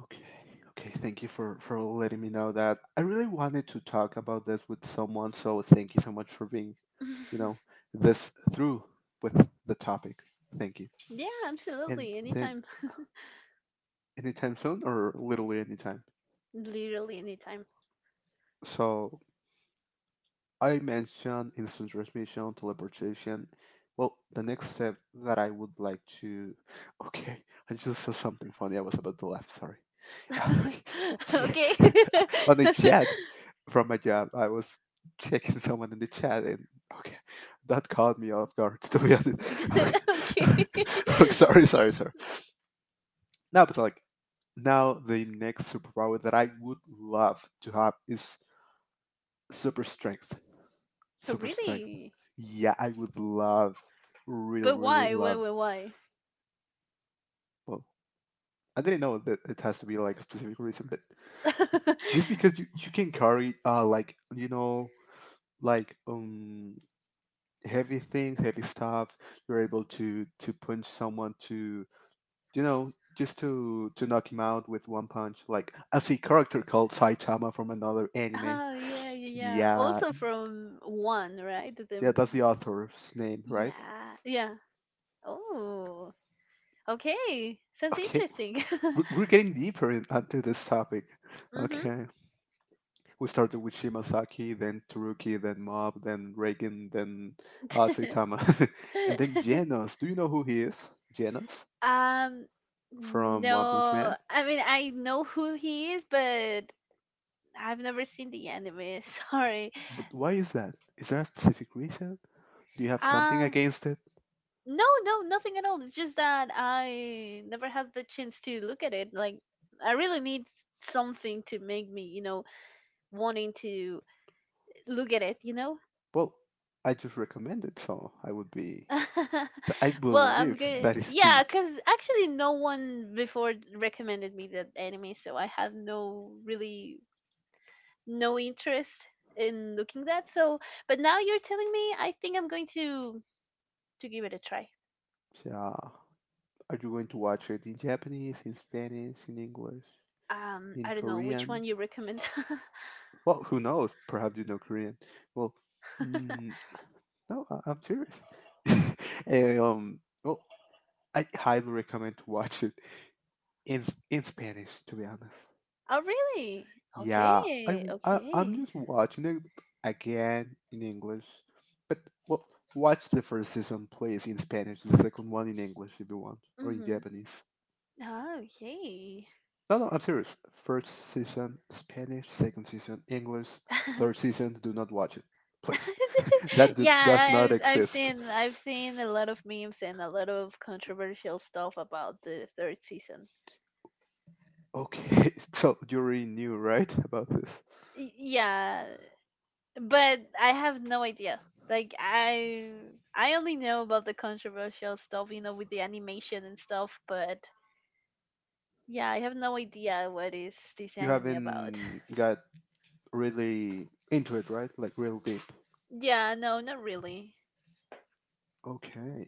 Speaker 2: Okay, okay. Thank you for letting me know that. I really wanted to talk about this with someone, so thank you so much for being, you know,
Speaker 1: *laughs*
Speaker 2: this through with the topic. Thank you.
Speaker 1: Yeah,
Speaker 2: And
Speaker 1: absolutely,
Speaker 2: then
Speaker 1: anytime,
Speaker 2: anytime soon, or literally anytime.
Speaker 1: *laughs* literally anytime.
Speaker 2: So I mentioned instant transmission, teleportation. Well, the next step that I would like to. *laughs* Okay, I just saw something funny. I was about to laugh, sorry. *laughs*
Speaker 1: *laughs*
Speaker 2: Okay.
Speaker 1: Okay,
Speaker 2: *laughs*
Speaker 1: *laughs*
Speaker 2: On the chat from my job, I was checking someone in the chat, and okay, that caught me off guard, *laughs* to be honest. Okay.
Speaker 1: okay,
Speaker 2: *laughs*
Speaker 1: *laughs*
Speaker 2: Okay, sorry, sorry, sorry. No, but like, now the next superpower that I would love to have is super strength. Super strength.
Speaker 1: really,
Speaker 2: Yeah, I would love, really,
Speaker 1: but
Speaker 2: really love. Well, I didn't know that it has to be like a specific reason, but
Speaker 1: why? *laughs*
Speaker 2: just because you can carry, like, you know, like, heavy things, heavy stuff, you're able to punch someone you know, just to knock him out with one punch. Like, I see a character called Saitama from another anime.
Speaker 1: Oh, yeah, yeah, yeah.
Speaker 2: Yeah,
Speaker 1: Also from one, right? The
Speaker 2: yeah, that's the author's name, right?
Speaker 1: yeah, yeah. Oh, okay. Sounds
Speaker 2: Okay,
Speaker 1: interesting. *laughs*
Speaker 2: we're getting deeper into this topic.
Speaker 1: Mm-hmm.
Speaker 2: Okay, we started with Shimasaki, then Taruki, then Mob, then Reagan, then Saitama, *laughs* and then
Speaker 1: *laughs*
Speaker 2: Genos. Do you know who he is? Genos
Speaker 1: Um,
Speaker 2: from One Punch
Speaker 1: no,
Speaker 2: Man.
Speaker 1: I mean I know who he is, but I've never seen the anime. *laughs* Sorry.
Speaker 2: But why is that? Is there a specific reason? Do you have something
Speaker 1: Uh
Speaker 2: against it?
Speaker 1: no, no, nothing at all. It's just that I never had the chance to look at it. Like I really need something to make me, you know, wanting to look at it, you know?
Speaker 2: Well, I just recommend it, so I would be.
Speaker 1: *laughs*
Speaker 2: I
Speaker 1: Well, I'm
Speaker 2: believe
Speaker 1: good.
Speaker 2: that is the.
Speaker 1: Yeah, because actually, no one before recommended me that anime, so I had no really no interest in looking that. So, but now you're telling me, I think I'm going to give it a try.
Speaker 2: Yeah. Are you going to watch it in Japanese, in Spanish, in English, in
Speaker 1: I don't know which
Speaker 2: Korean?
Speaker 1: one you recommend.
Speaker 2: Well, who knows? Perhaps you know Korean. Well,
Speaker 1: *laughs*
Speaker 2: mm, no, I'm serious. *laughs* And, well, I highly recommend to watch it in in Spanish. To be honest,
Speaker 1: Oh, really?
Speaker 2: yeah, I,
Speaker 1: Okay,
Speaker 2: I i am
Speaker 1: okay.
Speaker 2: just watching it again in English, but well, watch the first season, please, in Spanish, and the second one in English if you want, or in
Speaker 1: Mm-hmm.
Speaker 2: Japanese.
Speaker 1: Oh, yay.
Speaker 2: No, no, I'm serious. First season Spanish, second season English, third
Speaker 1: *laughs*
Speaker 2: season do not watch it, please. *laughs* That
Speaker 1: *laughs* Yeah,
Speaker 2: does
Speaker 1: I,
Speaker 2: not
Speaker 1: I've I've
Speaker 2: exist.
Speaker 1: seen I've seen a lot of memes and a lot of controversial stuff about the third season.
Speaker 2: Okay, *laughs* so you already knew, right, about this?
Speaker 1: Yeah, but I have no idea. Like I only know about the controversial stuff, you know, with the animation and stuff. But yeah, I have no idea what is this
Speaker 2: You
Speaker 1: anime about.
Speaker 2: haven't got really into it, right? Like real deep.
Speaker 1: *laughs* Yeah, no, not really.
Speaker 2: Okay,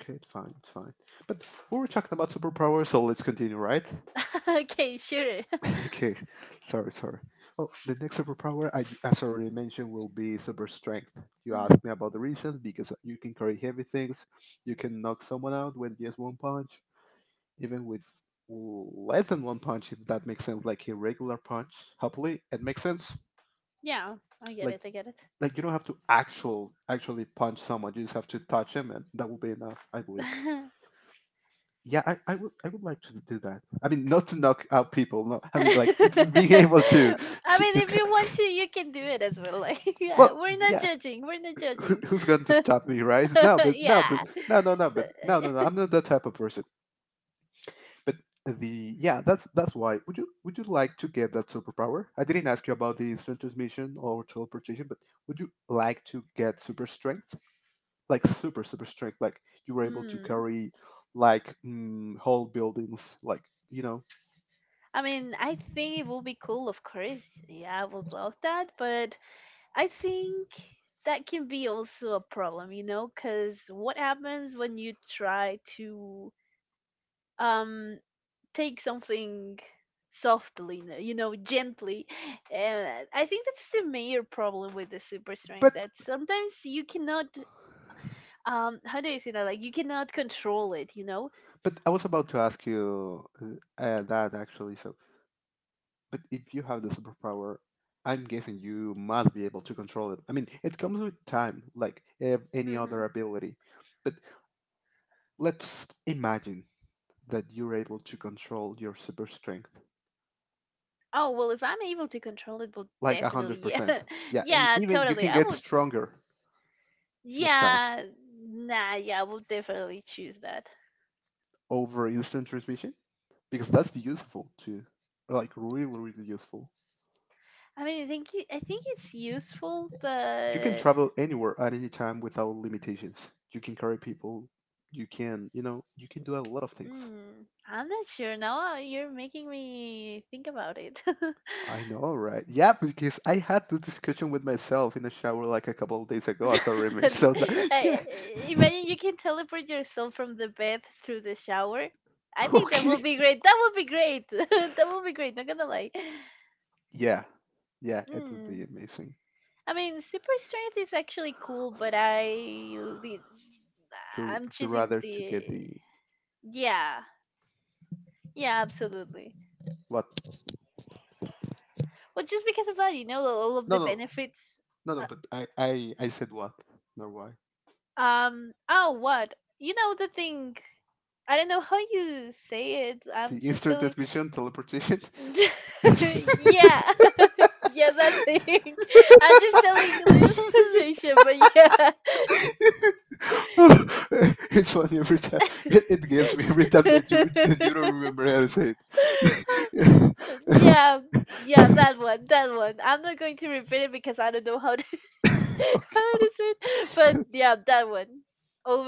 Speaker 2: okay, it's fine, it's fine. But we were talking about superpowers, so let's continue, right?
Speaker 1: *laughs* Okay, sure. *laughs*
Speaker 2: Okay, sorry, sorry. Oh, the next superpower, I, as already mentioned, will be super strength. You
Speaker 1: Hmm.
Speaker 2: asked me about the reason because you can carry heavy things, you can knock someone out with just one punch, even with less than one punch, if that makes sense, like a regular punch. Hopefully, it makes sense.
Speaker 1: Yeah, I get
Speaker 2: Like,
Speaker 1: it. I get
Speaker 2: like you don't have to actually punch someone; you just have to touch him, and that will be enough, I believe.
Speaker 1: it. *laughs*
Speaker 2: Yeah, I would like to do that. I mean, not to knock out people. No,
Speaker 1: *laughs*
Speaker 2: I
Speaker 1: I
Speaker 2: mean like *laughs* being able to to,
Speaker 1: mean,
Speaker 2: to
Speaker 1: if you want to, you can do it as well. Like, *laughs*
Speaker 2: Well,
Speaker 1: yeah, we're not
Speaker 2: yeah.
Speaker 1: judging. We're not
Speaker 2: Who,
Speaker 1: judging.
Speaker 2: who's going to stop me, right? No,
Speaker 1: *laughs*
Speaker 2: but no, but
Speaker 1: Yeah.
Speaker 2: no, no, no, but no, no, no.
Speaker 1: *laughs*
Speaker 2: I'm not that type of person. But the yeah, that's why. Would you like to get that superpower? I didn't ask you about the instant transmission or teleportation, but would you like to get super strength, like super strength, like you were able to
Speaker 1: Mm.
Speaker 2: carry whole buildings, like you know.
Speaker 1: I mean, I think it will be cool, of course. Yeah, I would love that, but I think that can be also a problem, you know, because what happens when you try to um take something softly, you know, gently. And I think that's the major problem with the super
Speaker 2: But
Speaker 1: strength that sometimes you cannot, how do you say that? Like, you cannot control it, you know?
Speaker 2: but I was about to ask you that actually. But if you have the superpower, I'm guessing you must be able to control it. I mean, it comes with time, like any
Speaker 1: Hmm.
Speaker 2: other ability. But let's imagine that you're able to control your super strength,
Speaker 1: Oh, well, if I'm able to control it, well,
Speaker 2: like
Speaker 1: definitely,
Speaker 2: 100%.
Speaker 1: yeah. *laughs*
Speaker 2: Yeah, and
Speaker 1: Yeah,
Speaker 2: even you
Speaker 1: totally.
Speaker 2: can get stronger with time
Speaker 1: Yeah, nah, yeah, I would definitely choose that.
Speaker 2: over instant transmission, because that's useful too. Like, really, really useful.
Speaker 1: I mean, I think it's useful,
Speaker 2: You can
Speaker 1: but
Speaker 2: travel anywhere at any time without limitations. You can carry people. You can do a lot of things.
Speaker 1: I'm not sure now. You're making me think about it. *laughs*
Speaker 2: I know, right? Yeah, because I had this discussion with myself in the shower like a couple of days ago as a remix. So that, *laughs* yeah,
Speaker 1: I- Imagine you can teleport yourself from the bed through the shower. I
Speaker 2: *laughs*
Speaker 1: think that would
Speaker 2: okay,
Speaker 1: be great. That would be great. *laughs* That would be great. Not gonna lie.
Speaker 2: yeah, yeah, it would be
Speaker 1: Mm.
Speaker 2: amazing.
Speaker 1: I mean, super strength is actually cool, but the
Speaker 2: You
Speaker 1: I'm
Speaker 2: you
Speaker 1: choosing
Speaker 2: rather to get
Speaker 1: the
Speaker 2: the
Speaker 1: yeah, yeah, absolutely.
Speaker 2: what?
Speaker 1: Well, just because of that, you know, all of the
Speaker 2: No, no,
Speaker 1: benefits.
Speaker 2: no, no. But I said what? No, why?
Speaker 1: Oh, what? You know the thing. I don't know how you say it.
Speaker 2: The
Speaker 1: I'm just
Speaker 2: instant
Speaker 1: telling.
Speaker 2: transmission, teleportation.
Speaker 1: *laughs* Yeah, *laughs* yeah, that thing. *laughs* I'm just telling teleportation, but yeah,
Speaker 2: *laughs* *laughs* it's funny every time. It gets me every time that you don't remember how to say
Speaker 1: *laughs*
Speaker 2: it. *laughs*
Speaker 1: yeah, yeah, that one, that one. I'm not going to repeat it because I don't know how to *laughs* how to say it. But
Speaker 2: okay.
Speaker 1: yeah, that one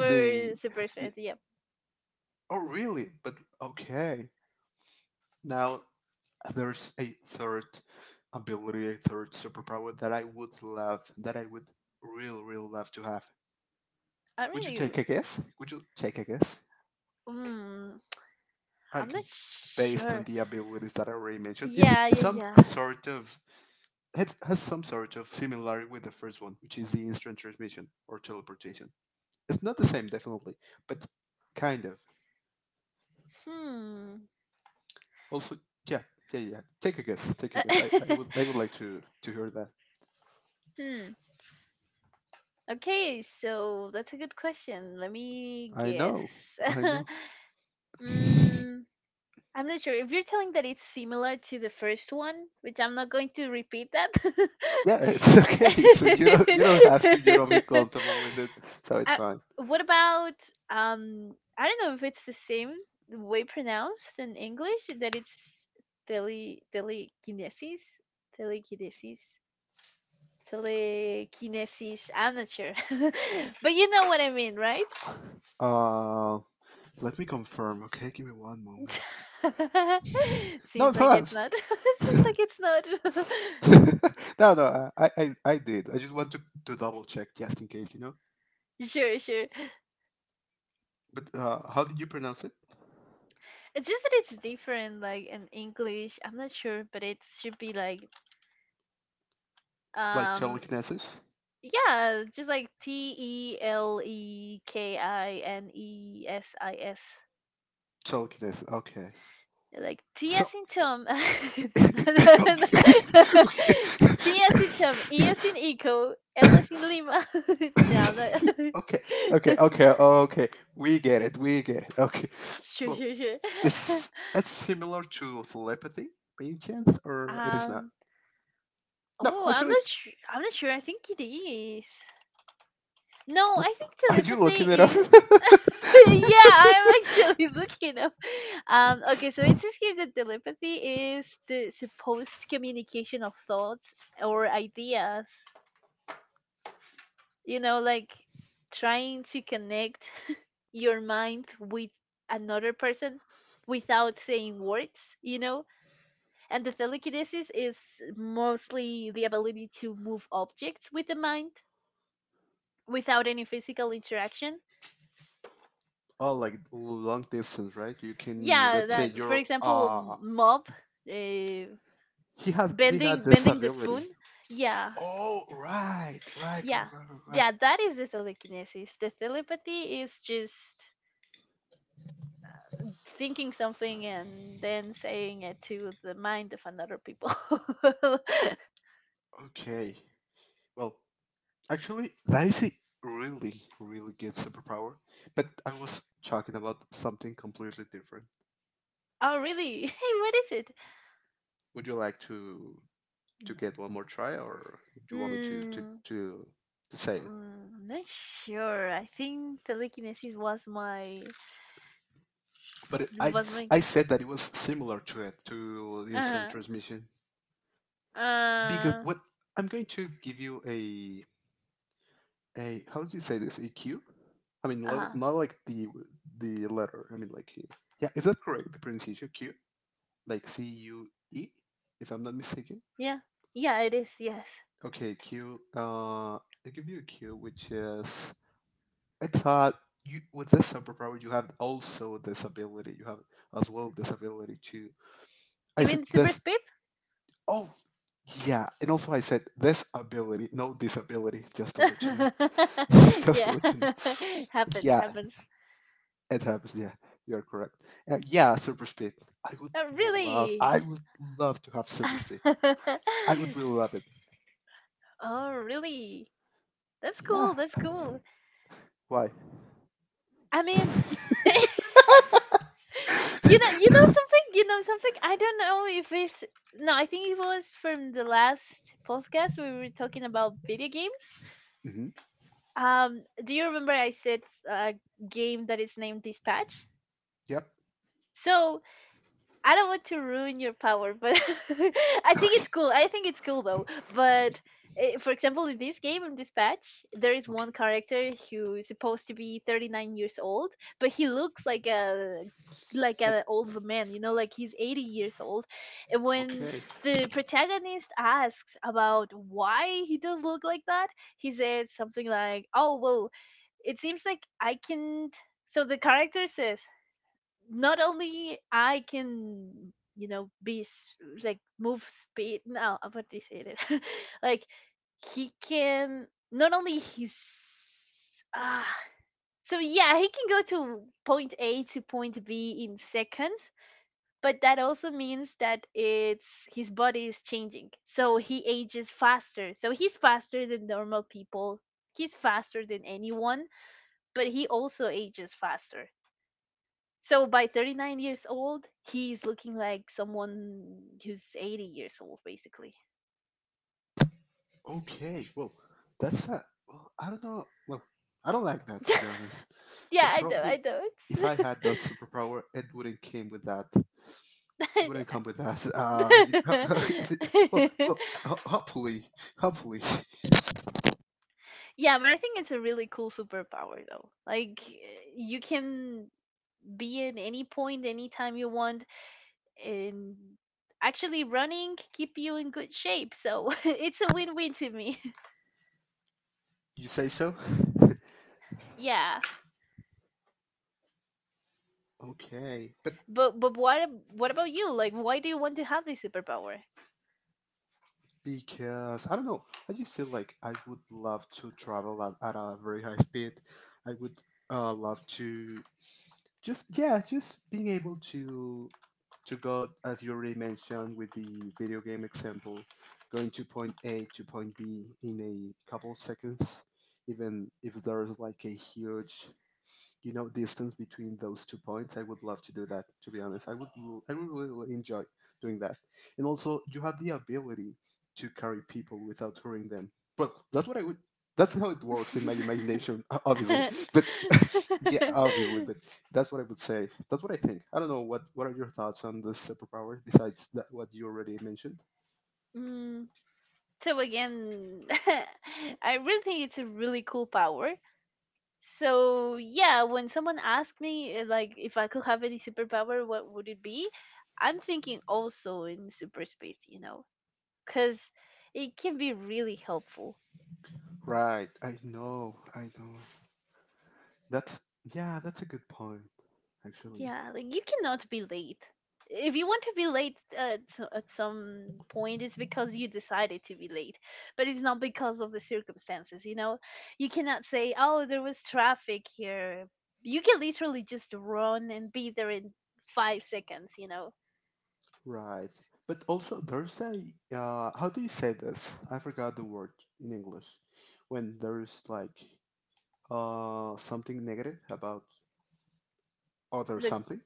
Speaker 2: The
Speaker 1: super
Speaker 2: the
Speaker 1: strength. Yeah,
Speaker 2: oh really? But okay. Now there's a third ability, a third superpower that I would love, that I would real love to have.
Speaker 1: I
Speaker 2: Would you
Speaker 1: really.
Speaker 2: take a guess? Would you take a guess?
Speaker 1: Mm, I'm
Speaker 2: Like,
Speaker 1: not
Speaker 2: based on
Speaker 1: sure.
Speaker 2: the abilities that I already mentioned, it's
Speaker 1: Yeah, yeah,
Speaker 2: some
Speaker 1: yeah.
Speaker 2: sort of it has some sort of similarity with the first one, which is the instant transmission or teleportation. It's not the same, definitely, but kind of.
Speaker 1: Hmm.
Speaker 2: Also, yeah, yeah, yeah. Take a guess. Take a guess. I,
Speaker 1: *laughs*
Speaker 2: I would I would like to hear that.
Speaker 1: Hmm. Okay, so that's a good question. Let me
Speaker 2: I
Speaker 1: guess.
Speaker 2: know. I
Speaker 1: *laughs*
Speaker 2: know.
Speaker 1: mm, I'm not sure. If you're telling that it's similar to the first one, which I'm not going to repeat that.
Speaker 2: Yeah, it's *laughs* okay. So you don't have to. You don't be
Speaker 1: *laughs*
Speaker 2: comfortable with it, so it's
Speaker 1: uh,
Speaker 2: fine.
Speaker 1: what about um I don't know if it's the same way pronounced in English that it's telekinesis, telekinesis. Telekinesis. I'm not sure. *laughs* But you know what I mean, right?
Speaker 2: Uh, let me confirm. Okay, give me one moment.
Speaker 1: *laughs*
Speaker 2: No,
Speaker 1: Seems
Speaker 2: no,
Speaker 1: like it's not. *laughs* Seems like it's not.
Speaker 2: *laughs* no, no, I did. I just want to double check just in case.
Speaker 1: *laughs* Sure, sure.
Speaker 2: But how did you pronounce it?
Speaker 1: It's just that it's different, like in English. I'm not sure, but it should be like,
Speaker 2: Like
Speaker 1: um,
Speaker 2: telekinesis?
Speaker 1: yeah, just like telekinesis.
Speaker 2: Telekinesis. Okay.
Speaker 1: Like T as
Speaker 2: So.
Speaker 1: in Tom,
Speaker 2: *coughs*
Speaker 1: *laughs*
Speaker 2: *laughs*
Speaker 1: no, no,
Speaker 2: okay.
Speaker 1: no, no. no. *laughs* T
Speaker 2: *laughs*
Speaker 1: as in Tom, E as in Eco, L as in Lima. *laughs* No, no.
Speaker 2: Okay. Okay. Okay. Okay. We get it. We get it. Okay.
Speaker 1: *laughs* Sure,
Speaker 2: Well,
Speaker 1: sure, sure.
Speaker 2: it's similar to telepathy, by any chance,
Speaker 1: *laughs*
Speaker 2: or it is not?
Speaker 1: um.
Speaker 2: No,
Speaker 1: Oh, I'm
Speaker 2: actually.
Speaker 1: not sure. I'm not sure. I think it is. No, I
Speaker 2: w-
Speaker 1: think
Speaker 2: Are you
Speaker 1: telepathy
Speaker 2: looking it up?
Speaker 1: is. *laughs* Yeah, I'm
Speaker 2: *laughs*
Speaker 1: actually *laughs* looking up. Okay, so it says here that telepathy is the supposed communication of thoughts or ideas, you know, like trying to connect *laughs* your mind with another person without saying words, you know? And the telekinesis is mostly the ability to move objects with the mind without any physical interaction.
Speaker 2: Oh, like long distance, right? You can,
Speaker 1: Yeah,
Speaker 2: let's say,
Speaker 1: that for
Speaker 2: you're
Speaker 1: example, mob uh,
Speaker 2: he had this
Speaker 1: bending the
Speaker 2: ability.
Speaker 1: spoon. Yeah.
Speaker 2: Oh, right, right, right,
Speaker 1: Yeah.
Speaker 2: right, right, right.
Speaker 1: Yeah, that is the telekinesis. The telepathy is just thinking something and then saying it to the mind of another people. *laughs* Oh,
Speaker 2: Okay. Well, actually, that is a really, really good superpower. But I was talking about something completely different.
Speaker 1: really? *laughs* Hey, what is it?
Speaker 2: Would you like to get one more try, or do you want me to to
Speaker 1: Hmm.
Speaker 2: to to say it?
Speaker 1: I'm not sure. I think telekinesis was my
Speaker 2: But
Speaker 1: was my
Speaker 2: I
Speaker 1: g-
Speaker 2: said that it was similar to the instant
Speaker 1: uh
Speaker 2: transmission. Because
Speaker 1: uh
Speaker 2: what? I'm going to give you a how do you say this, a cue? I mean,
Speaker 1: uh
Speaker 2: not like the letter. I mean, like yeah, is that correct? The pronunciation Q, like cue, if I'm not mistaken.
Speaker 1: yeah, yeah it is, yes.
Speaker 2: Okay, Q. I give you a Q, which is I thought you with this superpower you have also this ability. You have as well this ability to. I
Speaker 1: You
Speaker 2: said
Speaker 1: mean super
Speaker 2: this.
Speaker 1: speed?
Speaker 2: Oh, yeah, and also I said this ability, no disability, just to let you know.
Speaker 1: *laughs*
Speaker 2: *laughs* Just to
Speaker 1: Yeah,
Speaker 2: let you know.
Speaker 1: *laughs* happens,
Speaker 2: Yeah,
Speaker 1: happens.
Speaker 2: it happens. Yeah, you're correct. Yeah, super speed. I would love.
Speaker 1: Really?
Speaker 2: I would love to have super speed.
Speaker 1: *laughs*
Speaker 2: I would really love it.
Speaker 1: Oh, really? That's cool.
Speaker 2: Yeah.
Speaker 1: That's cool.
Speaker 2: Why?
Speaker 1: I mean, *laughs* you know, you know something. I don't know if it's no. I think it was from the last podcast we were talking about video games.
Speaker 2: Hmm.
Speaker 1: Do you remember I said a game that is named Dispatch?
Speaker 2: Yep.
Speaker 1: So I don't want to ruin your power, but *laughs* I
Speaker 2: *laughs*
Speaker 1: think it's
Speaker 2: Okay.
Speaker 1: cool. I think it's cool though. But for example, in this game, in this patch, there is
Speaker 2: Okay.
Speaker 1: one character who's supposed to be 39 years old, but he looks like a like
Speaker 2: Like.
Speaker 1: an old man, you know, like he's 80 years old. And when
Speaker 2: Okay.
Speaker 1: the protagonist asks about why he does look like that, he said something like, "Oh, well, it seems like I can." So the character says, not only I can, you know, like move speed. No, I what do you say it? *laughs* Like he can not only he's ah. So yeah, he can go to point A to point B in seconds, but that also means that it's his body is changing. So he ages faster. So he's faster than normal people. He's faster than anyone, but he also ages faster. So by 39 years old, he's looking like someone who's 80 years old, basically.
Speaker 2: Okay. Well, that's that. Well, I don't know. Well, I don't like that
Speaker 1: *laughs*
Speaker 2: to be honest.
Speaker 1: Yeah,
Speaker 2: But
Speaker 1: I know, I
Speaker 2: probably,
Speaker 1: know.
Speaker 2: if I had that superpower, it wouldn't came with that.
Speaker 1: It's *laughs*
Speaker 2: Wouldn't come with that.
Speaker 1: I
Speaker 2: *laughs* Well,
Speaker 1: know. *laughs*
Speaker 2: well, hopefully, hopefully.
Speaker 1: Yeah, but I think it's a really cool superpower, though. Like, you can be in any point, anytime you want, and actually running keep you in good shape. So *laughs* it's a win-win to me. *laughs*
Speaker 2: You say so?
Speaker 1: Yeah.
Speaker 2: Okay, but
Speaker 1: What about you? Like, why do you want to have this superpower?
Speaker 2: because I don't know, I just feel like I would love to travel at a very high speed. I would love to just yeah, just being able to go as you already mentioned with the video game example, going to point A to point B in a couple of seconds, even if there's like a huge, you know, distance between those two points. I would love to do that, to be honest. I would really, really enjoy doing that. And also you have the ability to carry people without hurting them. Well, that's what I would that's how it works in my
Speaker 1: *laughs*
Speaker 2: imagination, obviously, *laughs* but *laughs* yeah, obviously, but that's what I would say, that's what I think. I don't know what are your thoughts on this superpower besides that what you already mentioned.
Speaker 1: Mm, so again, *laughs* I really think it's a really cool power. So yeah, when someone asks me like if I could have any superpower, what would it be? I'm thinking also in super speed, you know, because it can be really helpful.
Speaker 2: Right, I know, I know, that's yeah, that's a good point, actually.
Speaker 1: Yeah, like you cannot be late. If you want to be late at some point, it's because you decided to be late, but it's not because of the circumstances, you know? You cannot say, oh, there was traffic here. You can literally just run and be there in 5 seconds, you know?
Speaker 2: Right. But also there's a how do you say this? I forgot the word in English. When there's like something negative about other
Speaker 1: The,
Speaker 2: something,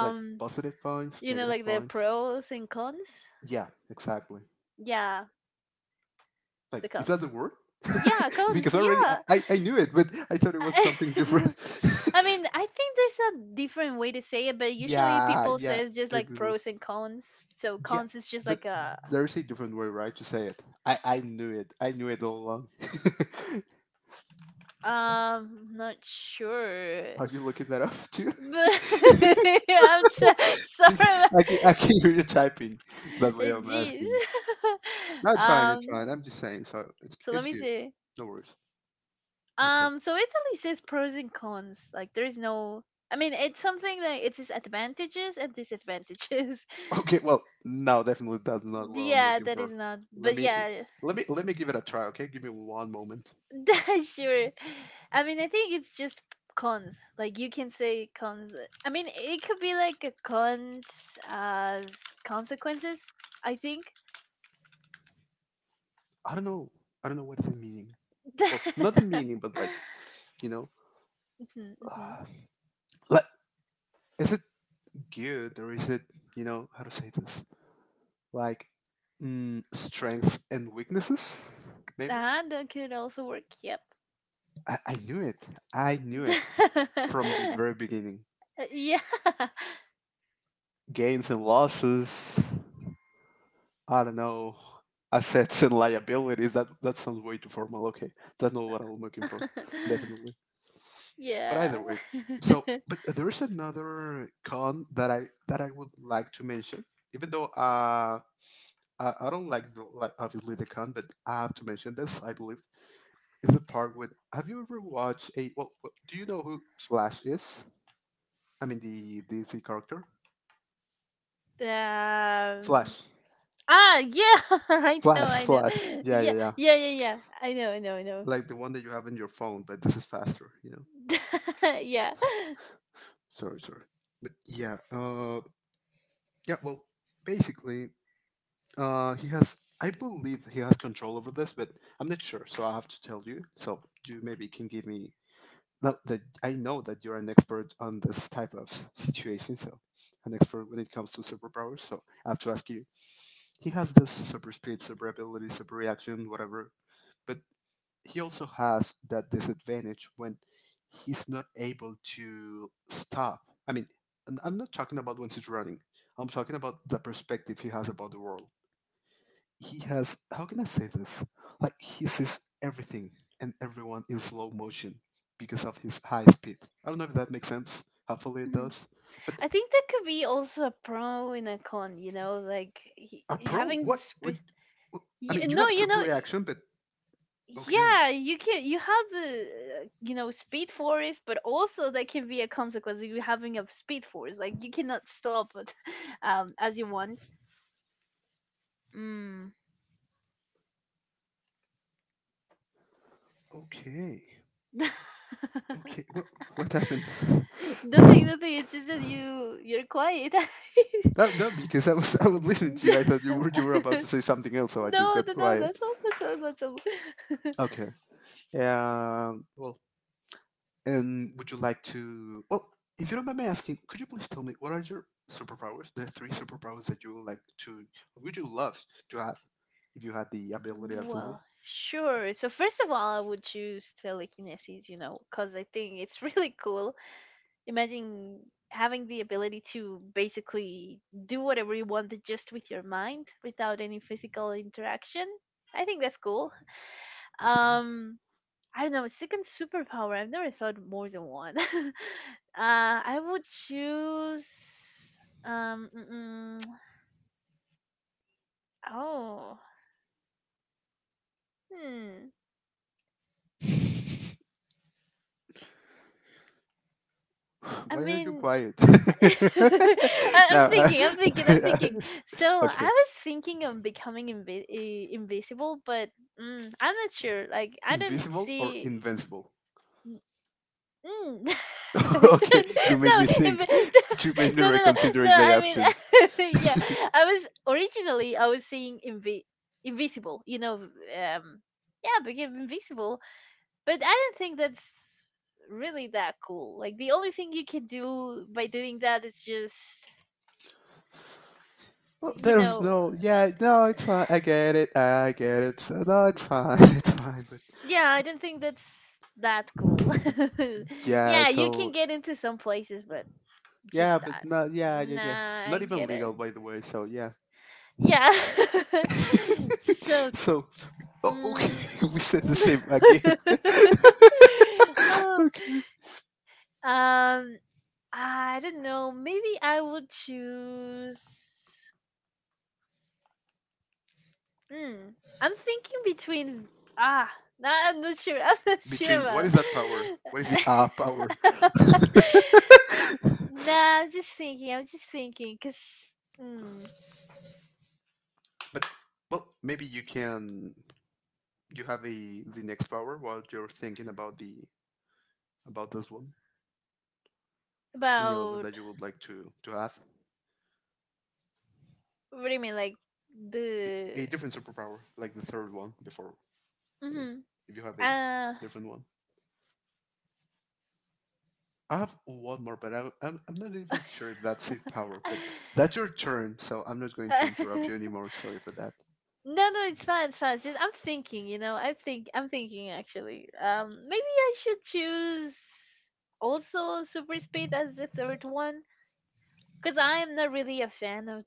Speaker 2: like positive points,
Speaker 1: you know,
Speaker 2: negative
Speaker 1: like the
Speaker 2: points.
Speaker 1: pros and cons?
Speaker 2: Yeah, exactly.
Speaker 1: Yeah,
Speaker 2: Like
Speaker 1: the
Speaker 2: is
Speaker 1: cons.
Speaker 2: that the word?
Speaker 1: Yeah,
Speaker 2: *laughs*
Speaker 1: cons,
Speaker 2: because already I,
Speaker 1: yeah.
Speaker 2: I, I knew it, but I thought it was something
Speaker 1: *laughs*
Speaker 2: different.
Speaker 1: I mean, I think there's a different way to say it, but
Speaker 2: *laughs*
Speaker 1: usually
Speaker 2: yeah,
Speaker 1: people
Speaker 2: yeah,
Speaker 1: says just
Speaker 2: I
Speaker 1: like
Speaker 2: believe.
Speaker 1: pros and cons. So
Speaker 2: Yeah.
Speaker 1: cons is just
Speaker 2: But
Speaker 1: like a
Speaker 2: there's a different way, right, to say it. I knew it. I knew it all along. *laughs*
Speaker 1: not sure.
Speaker 2: Are you looking that up too?
Speaker 1: But
Speaker 2: *laughs*
Speaker 1: *laughs* I'm try- *laughs*
Speaker 2: because
Speaker 1: sorry.
Speaker 2: I can
Speaker 1: *laughs*
Speaker 2: I can hear you typing. That's why I'm
Speaker 1: Jeez.
Speaker 2: asking. No,
Speaker 1: *laughs*
Speaker 2: it's fine. It's
Speaker 1: um
Speaker 2: fine. I'm just saying. So it's
Speaker 1: so let
Speaker 2: it's
Speaker 1: me
Speaker 2: good.
Speaker 1: see.
Speaker 2: No worries. Okay. *laughs*
Speaker 1: So Italy says pros and cons. Like there is no I mean, it's something that its advantages and disadvantages.
Speaker 2: Okay. Well, no, definitely that's not
Speaker 1: *laughs*
Speaker 2: what I'm
Speaker 1: Yeah,
Speaker 2: looking
Speaker 1: that is
Speaker 2: for.
Speaker 1: not.
Speaker 2: Let
Speaker 1: But
Speaker 2: me
Speaker 1: yeah,
Speaker 2: let me give it a try. Okay, give me one moment.
Speaker 1: *laughs* sure. I mean, I think it's just cons. Like you can say cons. I mean, it could be like a cons as consequences. I think.
Speaker 2: I don't know. I don't know what the meaning. Well, not the
Speaker 1: *laughs*
Speaker 2: meaning, but like you know,
Speaker 1: Mhm,
Speaker 2: *sighs*
Speaker 1: mhm.
Speaker 2: uh, like is it good or is it you know how to say this? Like strengths and weaknesses, maybe.
Speaker 1: Ah, that could also work. Yep.
Speaker 2: I knew it. I knew it
Speaker 1: *laughs*
Speaker 2: from the very beginning.
Speaker 1: Yeah.
Speaker 2: Gains and losses. I don't know. Assets and liabilities. That sounds way too formal. Okay, that's not what I'm looking for.
Speaker 1: *laughs*
Speaker 2: Definitely. But
Speaker 1: Yeah.
Speaker 2: either way. So,
Speaker 1: *laughs*
Speaker 2: but there's another con that I would like to mention. Even though I don't like the, like obviously, the con, but I have to mention this. I believe is the part with. Have you ever watched a? Well, do you know who Flash is? I mean the DC character.
Speaker 1: um.
Speaker 2: Flash,
Speaker 1: Ah, yeah. *laughs* I know.
Speaker 2: Flash,
Speaker 1: I know.
Speaker 2: Flash. Yeah,
Speaker 1: Yeah.
Speaker 2: yeah, yeah.
Speaker 1: Yeah. Yeah. Yeah. I know.
Speaker 2: Like the one that you have in your phone, but this is faster, you know?
Speaker 1: *laughs* Yeah.
Speaker 2: Sorry, sorry. Yeah. Yeah. Well, basically, he has. I believe he has control over this, but I'm not sure. So I have to tell you. So you maybe can give me. Now that I know that you're an expert on this type of situation, so an expert when it comes to superpowers. So I have to ask you. He has this super speed, super ability, super reaction, whatever. But he also has that disadvantage when he's not able to stop. I mean, and I'm not talking about when he's running. I'm talking about the perspective he has about the world. He has how can I say this? Like he sees everything and everyone in slow motion because of his high speed. I don't know if that makes sense. Hopefully it
Speaker 1: Mhm.
Speaker 2: does. But
Speaker 1: I think that could be also a pro and a con, you know, like
Speaker 2: a
Speaker 1: y-
Speaker 2: pro,
Speaker 1: having the
Speaker 2: what would?
Speaker 1: speed.
Speaker 2: I
Speaker 1: Y-
Speaker 2: mean, you
Speaker 1: no,
Speaker 2: have
Speaker 1: you know,
Speaker 2: super reaction, but okay,
Speaker 1: yeah, you can you have the you know speed force, but also that can be a consequence of you having a speed force. Like you cannot stop it, *laughs* as you want. Mm.
Speaker 2: okay,
Speaker 1: *laughs*
Speaker 2: okay. What happened?
Speaker 1: nothing,
Speaker 2: *laughs*
Speaker 1: nothing. It's just that you're quiet. *laughs*
Speaker 2: That because I was *laughs* I was
Speaker 1: *laughs*
Speaker 2: listening to you. I thought you were
Speaker 1: no,
Speaker 2: you were about to say something else, so I just
Speaker 1: no,
Speaker 2: got
Speaker 1: no.
Speaker 2: quiet.
Speaker 1: That's all. *laughs*
Speaker 2: Okay. Well, and would you like to? Well, if you don't mind me asking, could you please tell me what are your superpowers? The three superpowers that you would like to, would you love to have if you had the ability, absolutely.
Speaker 1: Well, sure. So first of all, I would choose telekinesis, you know, because I think it's *laughs* really cool. Imagine having the ability to basically do whatever you want just with your mind without any physical interaction. I think that's cool.
Speaker 2: Okay.
Speaker 1: Um, I don't know, second superpower. I've never thought more than one. *laughs* I would choose um mm, mm, *tsk* oh. Hmm.
Speaker 2: *sighs*
Speaker 1: I
Speaker 2: Why are you
Speaker 1: mean,
Speaker 2: quiet?
Speaker 1: *laughs*
Speaker 2: *laughs* no.
Speaker 1: I'm thinking, I'm thinking, I'm thinking. So
Speaker 2: *laughs*
Speaker 1: I
Speaker 2: Okay.
Speaker 1: was thinking of becoming invisible, but I'm not sure. Like I don't
Speaker 2: Invisible or
Speaker 1: see.
Speaker 2: invincible?
Speaker 1: Mm, mm. *laughs*
Speaker 2: *laughs* okay. You
Speaker 1: no,
Speaker 2: made me think.
Speaker 1: invi-
Speaker 2: You made
Speaker 1: *laughs*
Speaker 2: me
Speaker 1: no, no, no,
Speaker 2: reconsider
Speaker 1: no.
Speaker 2: my
Speaker 1: I mean,
Speaker 2: options.
Speaker 1: *laughs* yeah.
Speaker 2: *laughs*
Speaker 1: I was seeing invisible. You know, yeah, became invisible. But I don't think that's really that cool. Like the only thing you can do by doing that is just
Speaker 2: Well,
Speaker 1: you
Speaker 2: there was
Speaker 1: know,
Speaker 2: no, yeah, no, it's fine. I get it. I get it. So, no, it's fine. *laughs* It's fine. But
Speaker 1: yeah, I don't think that's that cool. *laughs*
Speaker 2: yeah,
Speaker 1: Yeah, you can
Speaker 2: so
Speaker 1: get into some places, but
Speaker 2: yeah,
Speaker 1: just
Speaker 2: but
Speaker 1: that.
Speaker 2: not yeah, yeah, yeah.
Speaker 1: Nah,
Speaker 2: Not
Speaker 1: I
Speaker 2: even
Speaker 1: get it.
Speaker 2: legal, by the way. So yeah.
Speaker 1: Yeah. *laughs* so,
Speaker 2: *laughs* so okay,
Speaker 1: mm,
Speaker 2: *laughs* we said the same again.
Speaker 1: *laughs*
Speaker 2: *laughs*
Speaker 1: oh,
Speaker 2: okay.
Speaker 1: um, I don't know. Maybe I would choose. Hmm. I'm thinking between. Ah, nah, I'm not sure. *laughs* I'm not sure
Speaker 2: Between what
Speaker 1: about.
Speaker 2: is that power? What is the power?
Speaker 1: *laughs*
Speaker 2: *laughs*
Speaker 1: *laughs* Nah, I was just thinking, mm,
Speaker 2: but well, maybe you can. You have a the next power while you're thinking about the about this one. And you know that
Speaker 1: about
Speaker 2: you would like to have
Speaker 1: what do you mean, like
Speaker 2: a,
Speaker 1: the
Speaker 2: a different superpower, like the third one before. I mean,
Speaker 1: mm-hmm,
Speaker 2: if you have a
Speaker 1: uh,
Speaker 2: different one, I have one more, but I'm not even sure if that's a power. But that's
Speaker 1: *laughs*
Speaker 2: your turn, so I'm not going to interrupt you anymore. Sorry for that.
Speaker 1: no, no, it's fine, it's fine. It's just I'm thinking, you know, I think I'm thinking actually. Maybe I should choose also Super Speed as the third one, cause I'm not really a fan of